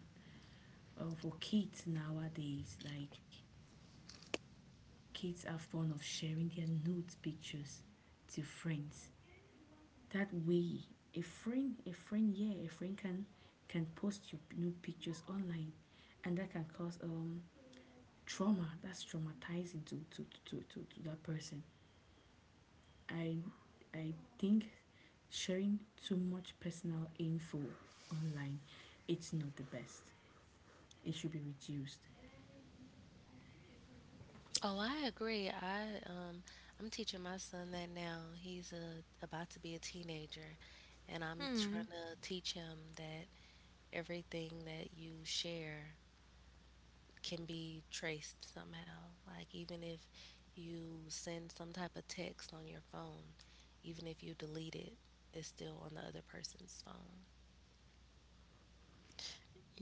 Speaker 3: for kids nowadays, like kids are fond of sharing their nude pictures to friends. That way a friend, yeah, a friend can post you new pictures online, and that can cause trauma. That's traumatizing to that person. I i think sharing too much personal info online, it's not the best. It should be reduced.
Speaker 1: Oh, I agree. I'm teaching my son that now. He's about to be a teenager and I'm trying
Speaker 2: Hmm.
Speaker 1: to teach him that everything that you share can be traced somehow. Like even if you send some type of text on your phone, even if you delete it, it's still on the other person's phone.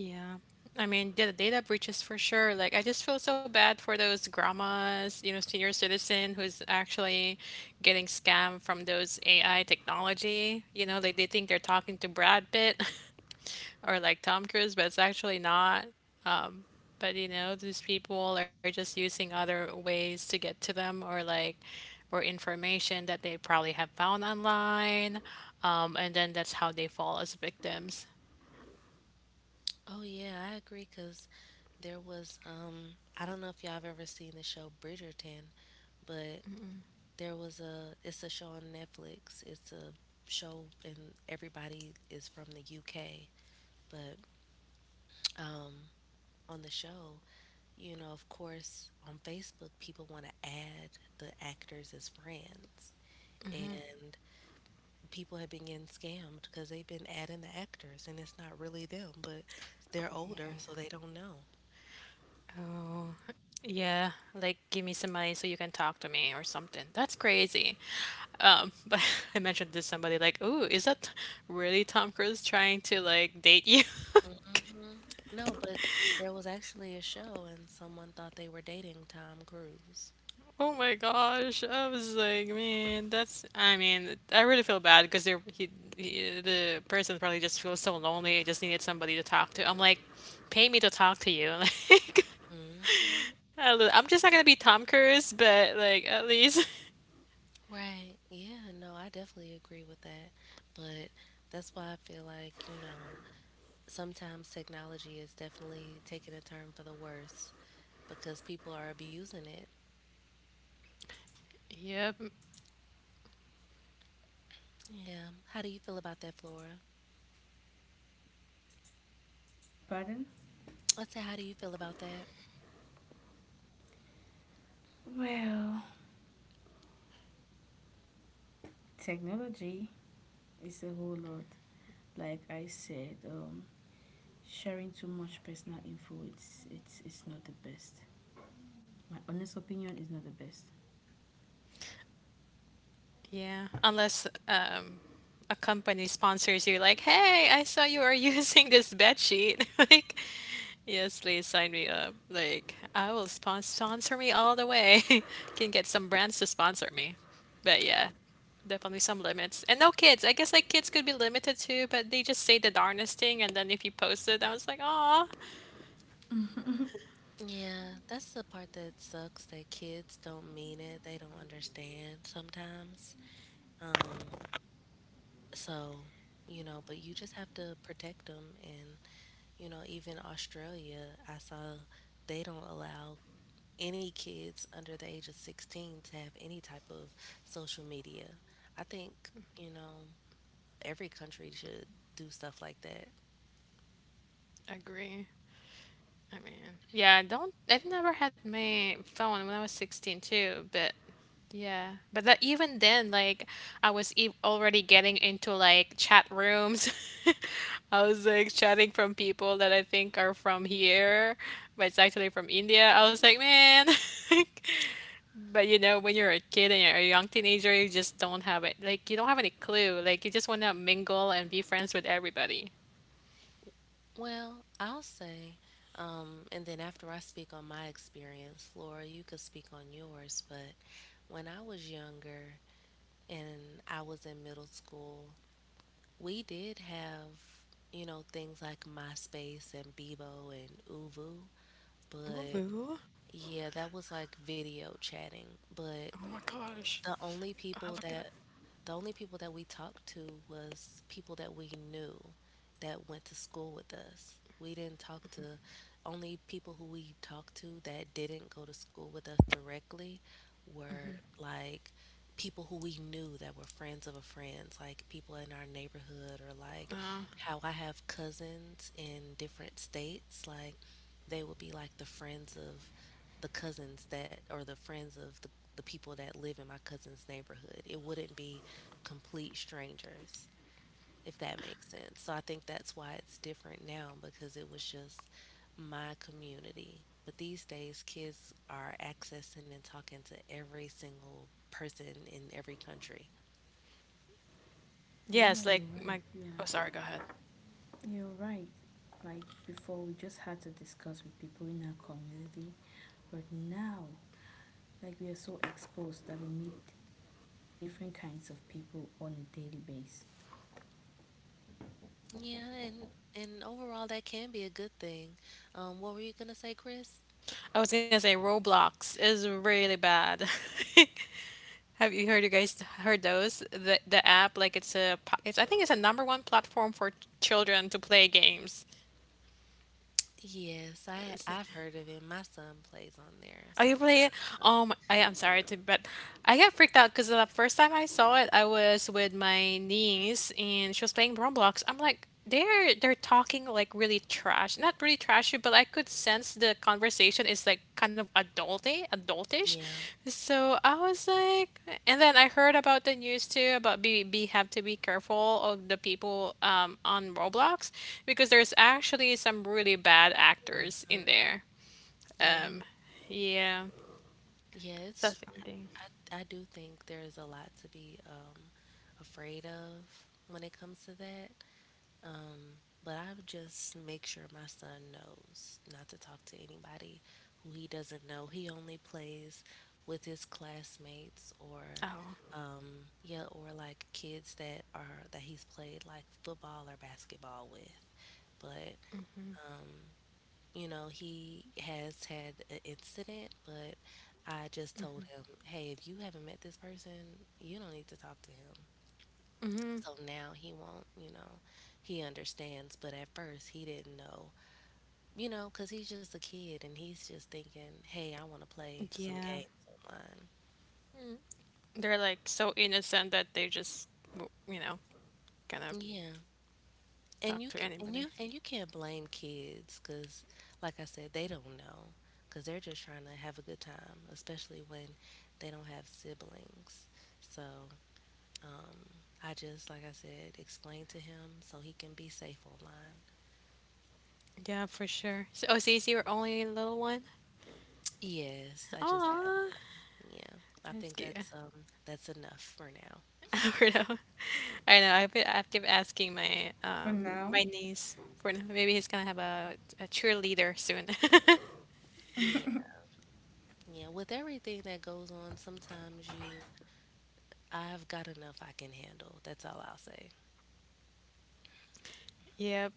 Speaker 2: Yeah. The data breaches for sure. Like, I just feel so bad for those grandmas, you know, senior citizen who's actually getting scammed from those AI technology. You know, like they think they're talking to Brad Pitt or like Tom Cruise, but it's actually not. But you know, these people are just using other ways to get to them, or like or information that they probably have found online. And then that's how they fall as victims.
Speaker 1: Oh yeah, I agree cuz there was I don't know if y'all have ever seen the show Bridgerton, but there was a it's a show on Netflix. It's a show and everybody is from the UK, but um on the show, you know, of course, on Facebook, people want to add the actors as friends. And people have been getting scammed because they've been adding the actors and it's not really them, but they're older, so they don't know.
Speaker 2: Yeah, like give me some money so you can talk to me or something. That's crazy. But I mentioned to somebody like, "Ooh, is that really Tom Cruise trying to like date you?"
Speaker 1: hmm No, but there was actually a show and someone thought they were dating Tom Cruise.
Speaker 2: Oh my gosh, I was like, man, that's. I mean, I really feel bad because he the person probably just feels so lonely. Just needed somebody to talk to. I'm like, pay me to talk to you. Like,
Speaker 1: Mm,
Speaker 2: I'm just not gonna be Tom Cruise, but like at least.
Speaker 1: right. Yeah, no, I definitely agree with that. But that's why I feel like, you know, sometimes technology is definitely taking a turn for the worse, because people are abusing it.
Speaker 2: Yep.
Speaker 1: Yeah. How do you feel about that, Flora?
Speaker 3: Pardon?
Speaker 1: How do you feel about that?
Speaker 3: Well, technology is a whole lot. Like I said, sharing too much personal info, it's it's not the best. My honest opinion is not the best.
Speaker 2: Yeah, unless a company sponsors you, like, hey, I saw you are using this bed sheet. Like, yes, please sign me up. Like, I will sponsor me all the way. Can get some brands to sponsor me. But yeah, definitely some limits. And no kids. I guess like kids could be limited too, but they just say the darnest thing, and then if you post it, I was like, aw.
Speaker 1: Yeah, that's the part that sucks that kids don't mean it. They don't understand sometimes. Um, so, you know, but you just have to protect them. And, you know, even Australia, I saw they don't allow any kids under the age of 16 to have any type of social media. I think, you know, every country should do stuff like that.
Speaker 2: Agree. I mean, yeah, I don't. I've never had my phone when I was 16 too, but yeah, but that even then, like I was e already getting into like chat rooms. I was like chatting from people that I think are from here, but it's actually from India. I was like, man. But you know, when you're a kid and you're a young teenager, you just don't have it. Like you don't have any clue. Like you just want to mingle and be friends with everybody.
Speaker 1: Well, I'll say, and then after I speak on my experience, Laura, you could speak on yours. But when I was younger and I was in middle school, we did have, you know, things like MySpace and Bebo and Uvu. But
Speaker 2: Woo.
Speaker 1: yeah, that was like video chatting. But
Speaker 2: Oh my gosh.
Speaker 1: the only
Speaker 2: Ah,
Speaker 1: people
Speaker 2: look at them.
Speaker 1: that the only people that we talked to was people that we knew that went to school with us. We didn't talk to, only people who we talked to that didn't go to school with us directly were like people who we knew that were friends of a friends, like people in our neighborhood or like how I have cousins in different states, like they would be like the friends of the cousins that or the friends of the people that live in my cousin's neighborhood. It wouldn't be complete strangers, if that makes sense. So I think that's why it's different now, because it was just my community. But these days, kids are accessing and talking to every single person in every country.
Speaker 3: Yeah,
Speaker 2: Yes,
Speaker 3: you're
Speaker 2: like
Speaker 3: right.
Speaker 2: my.
Speaker 3: Yeah,
Speaker 2: Oh, sorry, go ahead.
Speaker 3: you're right. Like before, we just had to discuss with people in our community, but now, like we are so exposed that we meet different kinds of people on a daily basis.
Speaker 1: Yeah, and overall, that can be a good thing. What were you gonna say, Chris?
Speaker 2: I was gonna say Roblox is really bad. Have you heard, you guys heard those? The app like it's a it's I think it's a number one platform for children to play games.
Speaker 1: Yes, I've heard of it. My son plays on there
Speaker 2: Are you playing?
Speaker 1: sometimes. Um,
Speaker 2: I am sorry to, but I got freaked out because the first time I saw it, I was with my niece and she was playing Roblox. I'm like, they're talking like really trash, not really trashy, but I could sense the conversation is like kind of adulty, adultish.
Speaker 1: yeah.
Speaker 2: So I was like, and then I heard about the news too about be have to be careful of the people on Roblox because there's actually some really bad actors in
Speaker 1: hmm
Speaker 2: there.
Speaker 1: yeah.
Speaker 2: Um, yeah.
Speaker 1: Yeah, it's
Speaker 2: That's the same thing.
Speaker 1: I do think there's a lot to be afraid of when it comes to that. But I would just make sure my son knows not to talk to anybody who he doesn't know. He only plays with his classmates or
Speaker 2: Oh,
Speaker 1: yeah, or like kids that are that he's played like football or basketball with. But you know, he has had an incident, but I just told him, hey, if you haven't met this person, you don't need to talk to him.
Speaker 2: hmm
Speaker 1: So now he won't, you know, he understands. But at first, he didn't know, you know, because he's just a kid and he's just thinking, hey, I want to play some
Speaker 2: yeah.
Speaker 1: games online.
Speaker 2: They're like so innocent that they just, you know, gonna
Speaker 1: Yeah. And
Speaker 2: talk to anybody.
Speaker 1: you can't blame kids because, like I said, they don't know because they're just trying to have a good time, especially when they don't have siblings. So, um, I just, like I said, explained to him so he can be safe online.
Speaker 2: Yeah, for sure. So, oh, so is your only little one?
Speaker 1: Yes, I just have
Speaker 2: Oh,
Speaker 1: one. Yeah, I
Speaker 2: that's
Speaker 1: think
Speaker 2: cute.
Speaker 1: that's enough for now.
Speaker 2: Alberto. I know. I've been I've active asking my
Speaker 3: For now,
Speaker 2: my niece for now. Maybe he's gonna have a cheerleader soon.
Speaker 1: Yeah, yeah. With everything that goes on, I've got enough I can handle. That's all I'll say.
Speaker 2: Yep.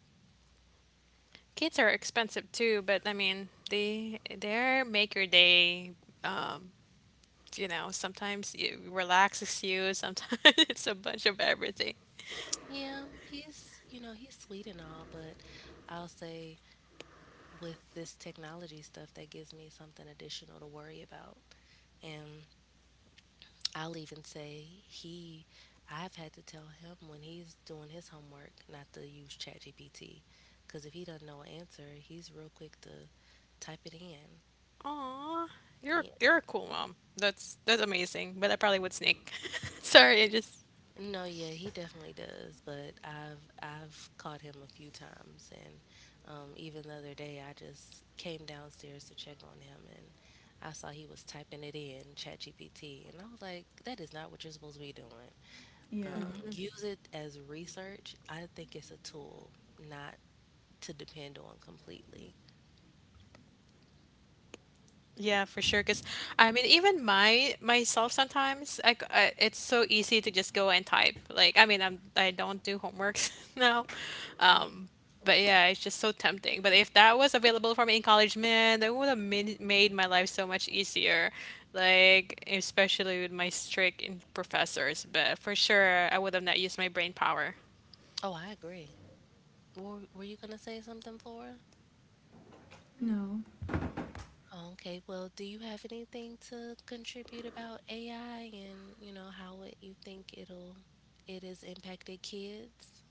Speaker 2: Kids are expensive too, but I mean, they're make your day um, you know, sometimes it relaxes you, sometimes it's a bunch of everything.
Speaker 1: Yeah, he's, you know, he's sweet and all, but I'll say with this technology stuff, that gives me something additional to worry about. And I'll even say I've had to tell him when he's doing his homework not to use ChatGPT, because if he doesn't know an answer, he's real quick to type it in.
Speaker 2: Aw, you're
Speaker 1: Yeah.
Speaker 2: you're a cool mom. That's amazing. But I probably would sneak. Sorry, I just.
Speaker 1: No, yeah, he definitely does. But I've caught him a few times, and even the other day, I just came downstairs to check on him, and I saw he was typing it in ChatGPT, and I was like, that is not what you're supposed to be doing. Um,
Speaker 3: yeah,
Speaker 1: use it as research. I think it's a tool, not to depend on completely.
Speaker 2: Yeah, for sure. Because I mean, even my myself sometimes, it's so easy to just go and type. Like, I mean, I don't do homeworks now,
Speaker 1: Yeah.
Speaker 2: um, but yeah, it's just so tempting. But if that was available for me in college, man, that would have made my life so much easier. Like, especially with my strict professors. But for sure, I would have not used my brain power.
Speaker 1: Oh, I agree. Were you going to say something, Flora?
Speaker 3: no,
Speaker 1: Oh, okay. Well, do you have anything to contribute about AI and, you know, you think it'll it has impacted kids?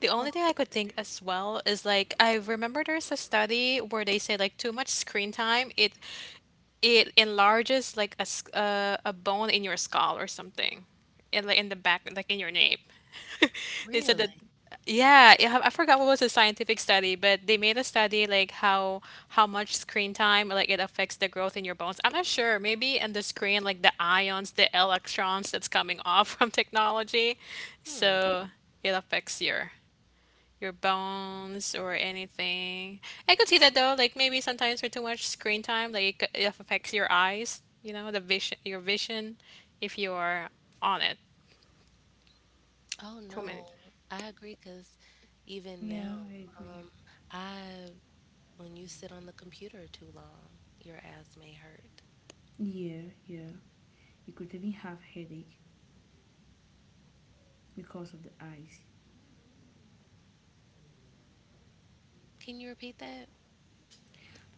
Speaker 2: The only
Speaker 1: Flora,
Speaker 2: thing
Speaker 1: are
Speaker 2: I
Speaker 1: you
Speaker 2: could think
Speaker 1: there?
Speaker 2: as well is like I remember there's a study where they say like too much screen time it enlarges like a bone in your skull or something, in like in the back like in your nape. They said that
Speaker 1: Really?
Speaker 2: yeah, yeah, I forgot what was the scientific study, but they made a study like how much screen time like it affects the growth in your bones. I'm not sure. Maybe in the screen like the ions, the electrons that's coming off from technology,
Speaker 1: Hmm.
Speaker 2: so it affects your bones or anything. I could see that though, like maybe sometimes for too much screen time, like it affects your eyes, you know, your vision, if you're on it
Speaker 1: Oh
Speaker 2: too
Speaker 1: no,
Speaker 2: many.
Speaker 1: I agree because even now,
Speaker 3: yeah, I agree.
Speaker 1: um, I when you sit on the computer too long, your ass may hurt.
Speaker 3: Yeah, yeah. You could even have headache because of the eyes.
Speaker 1: Can you repeat that?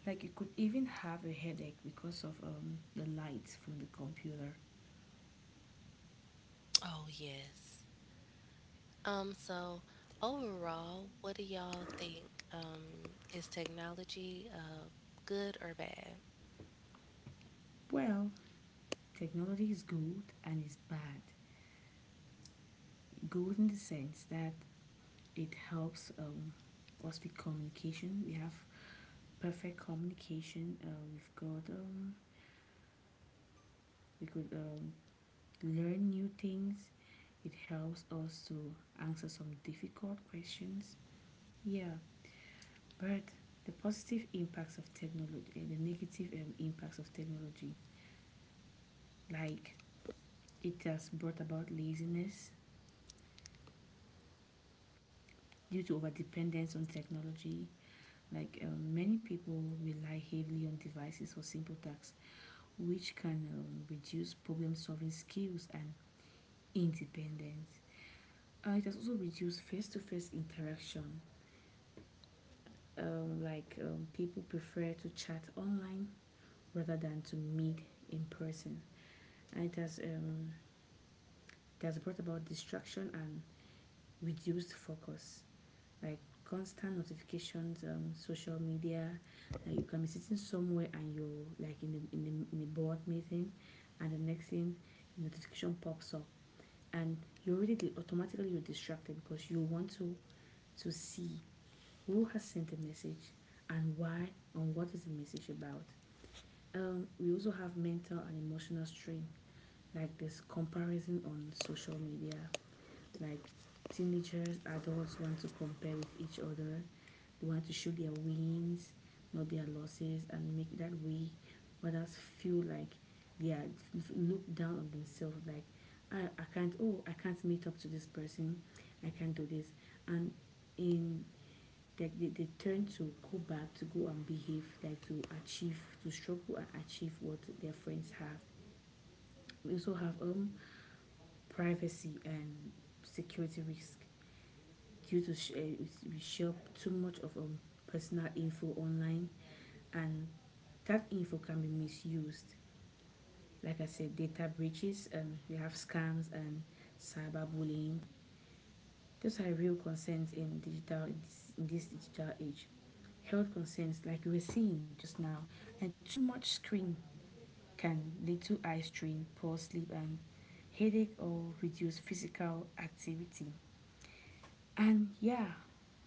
Speaker 3: Like you could even have a headache because of the lights from the computer.
Speaker 1: Oh, yes. So overall, what do y'all think? Is technology good or bad?
Speaker 3: Well, technology is good and it's bad. Good in the sense that it helps us with communication. We have perfect communication. We've got we could learn new things. It helps us to answer some difficult questions. Yeah, but the positive impacts of technology and the negative impacts of technology, like it has brought about laziness due to overdependence on technology. Like many people rely heavily on devices for simple tasks, which can reduce problem solving skills and independence. It has also reduced face to face interaction. People prefer to chat online rather than to meet in person. And it has brought about distraction and reduced focus. Like constant notifications, social media. Like you can be sitting somewhere and you're like in a board meeting, and the next thing, notification pops up, and you automatically you're distracted because you want to see who has sent a message and why and what is the message about. We also have mental and emotional strain, like this comparison on social media, like teenagers, adults want to compare with each other. They want to show their wins, not their losses, and make that way others feel like they are looked down on themselves. Like I can't. Oh, I can't meet up to this person. I can't do this. And in they turn to go back to go and behave like to achieve to struggle and achieve what their friends have. We also have privacy and security risk due to we share too much of personal info online, and that info can be misused. Like I said, data breaches, we have scams and cyberbullying. Those are real concerns in in this digital age. Health concerns, like we were seeing just now, and too much screen can lead to eye strain, poor sleep, and headache, or reduce physical activity. And yeah,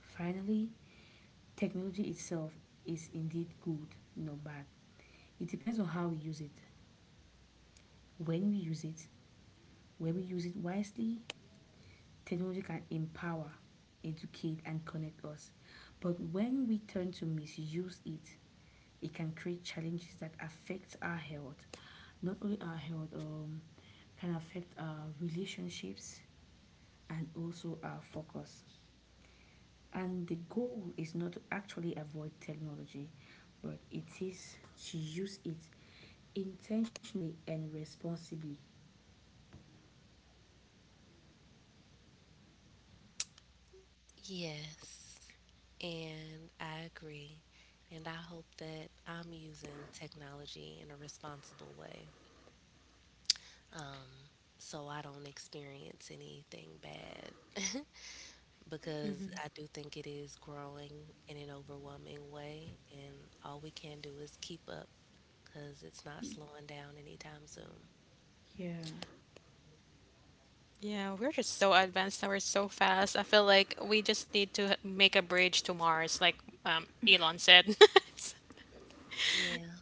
Speaker 3: finally, technology itself is indeed good, not bad. It depends on how we use it, when we use it. When we use it wisely, technology can empower, educate, and connect us. But when we turn to misuse it, it can create challenges that affect our health. Not only our health, can affect our relationships and also our focus. And the goal is not to actually avoid technology, but it is to use it intentionally and responsibly.
Speaker 1: Yes. And I agree. And I hope that I'm using technology in a responsible way. Um, so I don't experience anything bad. Because I do think it is growing in an overwhelming way, and all we can do is keep up because it's not slowing down anytime soon.
Speaker 3: Yeah,
Speaker 2: Yeah, we're just so advanced and we're so fast. I feel like we just need to make a bridge to Mars, like Elon said.
Speaker 1: Yeah.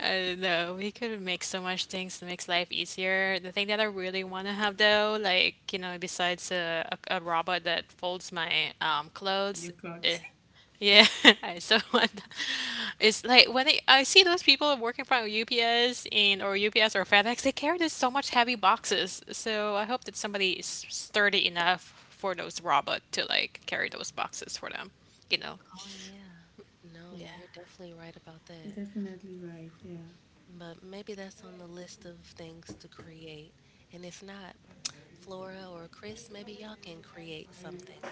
Speaker 2: I don't know. We could make so much things that makes life easier. The thing that I really want to have though, like, you know, besides a robot that folds my
Speaker 3: you are
Speaker 2: clothes,
Speaker 3: got
Speaker 2: yeah, I so want it's like when I see those people working from UPS and or UPS or FedEx, they carry this so much heavy boxes. So I hope that somebody is sturdy enough for those robot to like carry those boxes for them. You know?
Speaker 1: Oh, yeah. No,
Speaker 2: Yeah.
Speaker 1: you're definitely right about that.
Speaker 3: definitely right. Yeah.
Speaker 1: But maybe that's on the list of things to create. And if not, Flora or Chris, maybe y'all can create something.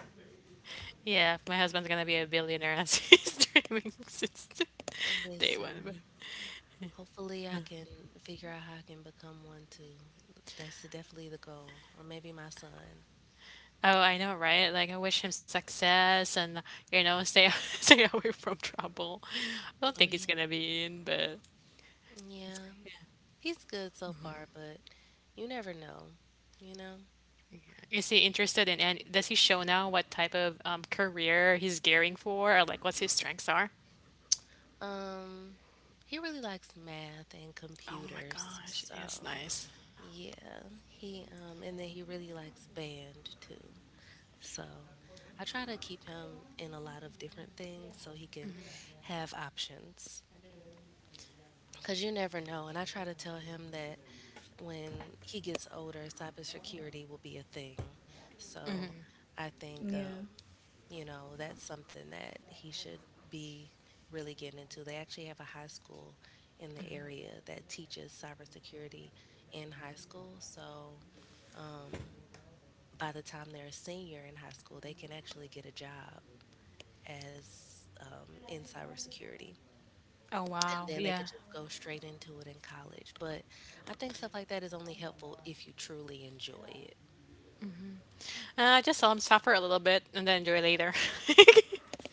Speaker 2: Yeah, my husband's gonna be a billionaire as he's dreaming since day
Speaker 1: Listen,
Speaker 2: one. But
Speaker 1: hopefully I can figure out how I can become one too. That's definitely the goal. Or maybe my son.
Speaker 2: oh, I know, right? Like I wish him success and you know stay stay away from trouble. I don't
Speaker 1: Oh,
Speaker 2: think
Speaker 1: yeah.
Speaker 2: he's gonna be in, but
Speaker 1: Yeah, he's good so far, but you never know, you know?
Speaker 2: is he interested in and does he show now what type of career he's gearing for or like what's his strengths are?
Speaker 1: Um, he really likes math and
Speaker 2: Oh my
Speaker 1: computers,
Speaker 2: gosh,
Speaker 1: so
Speaker 2: yes, nice.
Speaker 1: yeah, he and then he really likes band too. So I try to keep him in a lot of different things so he can have options. Cause you never know, and I try to tell him that when he gets older, cybersecurity will be a thing. So I think,
Speaker 3: Yeah.
Speaker 1: you know, that's something that he should be really getting into. They actually have a high school in the area that teaches cybersecurity in high school. So, um, by the time they're a senior in high school, they can actually get a job as in cybersecurity.
Speaker 2: Oh
Speaker 1: And
Speaker 2: wow,
Speaker 1: then they
Speaker 2: yeah.
Speaker 1: could just go straight into it in college. But I think stuff like that is only helpful if you truly enjoy it.
Speaker 2: Just let him suffer a little bit and then enjoy later.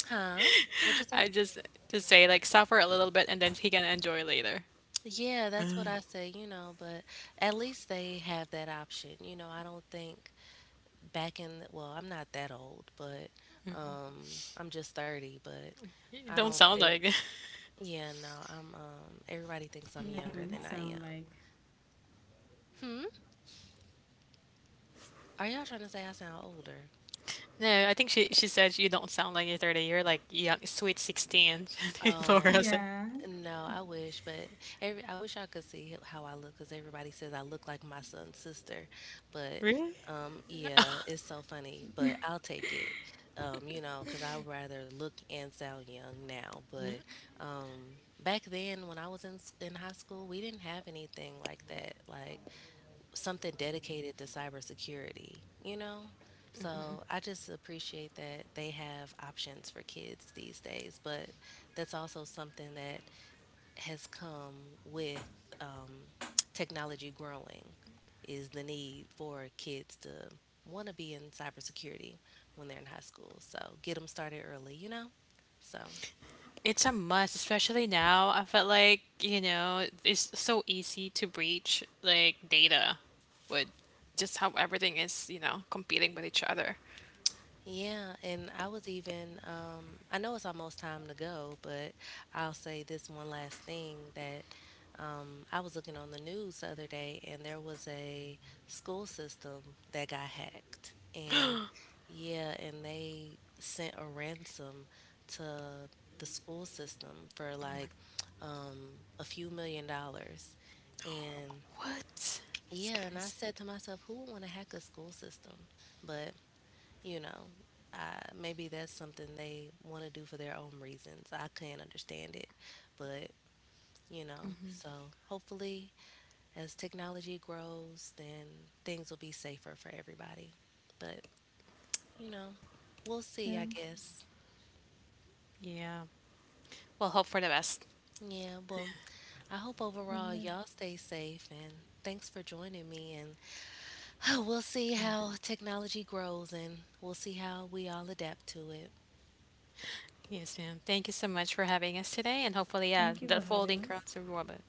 Speaker 1: Huh? What'd you say?
Speaker 2: I just say like suffer a little bit and then he can enjoy later.
Speaker 1: Yeah, that's what I say, you know, but at least they have that option. You know, I don't think back in the, well, I'm not that old, but I'm just 30, but
Speaker 2: You
Speaker 1: I
Speaker 2: don't
Speaker 1: don't
Speaker 2: sound
Speaker 1: think,
Speaker 2: like.
Speaker 1: yeah, no, I'm everybody thinks I'm
Speaker 3: Yeah, you
Speaker 1: younger
Speaker 3: do
Speaker 1: than I
Speaker 3: sound
Speaker 1: am.
Speaker 3: like.
Speaker 1: Hmm? Are y'all trying to say I sound older?
Speaker 2: No, I think she said you don't sound like you're 30. You're like young, sweet 16. Laura said,
Speaker 3: Yeah.
Speaker 1: No, I wish, but every I wish I could see how I look because everybody says I look like my son's sister. But
Speaker 2: really?
Speaker 1: yeah, it's so funny, but I'll take it. You know, because I'd rather look and sound young now. But um, back then, when I was in in high school, we didn't have anything like that, like something dedicated to cybersecurity. You know. So I just appreciate that they have options for kids these days, but that's also something that has come with um, technology growing, is the need for kids to want to be in cybersecurity when they're in high school. So get them started early, you know? So
Speaker 2: It's a must, especially now. I felt like, you know, it's so easy to breach like data with just how everything is, you know, competing with each other.
Speaker 1: yeah, and I was even, I know it's almost time to go, but I'll say this one last thing that I was looking on the news the other day and there was a school system that got hacked. And yeah, and they sent a ransom to the school system for like um, a few $X million. And
Speaker 2: What? That's
Speaker 1: yeah, and I
Speaker 2: crazy.
Speaker 1: said to myself, who would want to hack a school system? But you know, uh, maybe that's something they want to do for their own reasons. I can't understand it, but you know, so hopefully as technology grows, then things will be safer for everybody. But you know, we'll see, I guess.
Speaker 2: Yeah. Well, hope for the best.
Speaker 1: Yeah, well, I hope overall y'all stay safe and thanks for joining me and we'll see how technology grows and we'll see how we all adapt to it.
Speaker 2: Yes, ma'am. Thank you so much for having us today, and hopefully,
Speaker 3: Thank you
Speaker 2: the
Speaker 3: for having
Speaker 2: folding
Speaker 3: us.
Speaker 2: crowns are robot.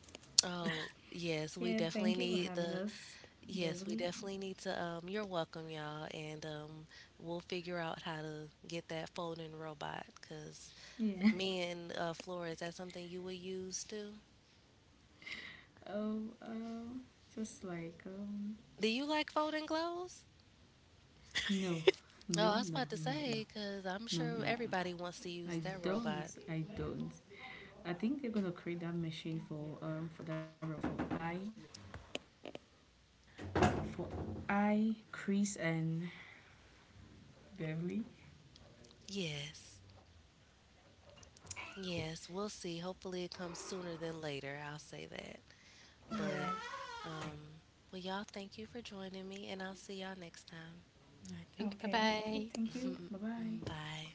Speaker 1: Oh, yes, we
Speaker 3: Yeah,
Speaker 1: definitely
Speaker 3: thank you for
Speaker 1: need
Speaker 3: having
Speaker 1: the
Speaker 3: us,
Speaker 1: Yes, we
Speaker 3: Beverly.
Speaker 1: definitely need to. You're welcome, y'all, and we'll figure out how to get that folding robot. Cause
Speaker 3: Yeah.
Speaker 1: me and Flora, is that something you would use too?
Speaker 3: Oh, just like
Speaker 1: Do you like folding clothes?
Speaker 3: no,
Speaker 1: Oh,
Speaker 3: no,
Speaker 1: I was
Speaker 3: no,
Speaker 1: about to
Speaker 3: no, no,
Speaker 1: say, cause I'm
Speaker 3: no, no,
Speaker 1: sure everybody
Speaker 3: no.
Speaker 1: wants to use
Speaker 3: I
Speaker 1: that
Speaker 3: don't.
Speaker 1: robot.
Speaker 3: I don't. I think they're gonna create that machine for that robot for I Chris and Beverly.
Speaker 1: Yes, yes, we'll see. Hopefully, it comes sooner than later. I'll say that.
Speaker 3: Yeah.
Speaker 1: But, um, well, y'all, thank you for joining me, and I'll see y'all next time.
Speaker 2: I think. Bye
Speaker 3: Okay. Okay.
Speaker 2: bye.
Speaker 3: Thank you. Bye bye.
Speaker 1: Bye.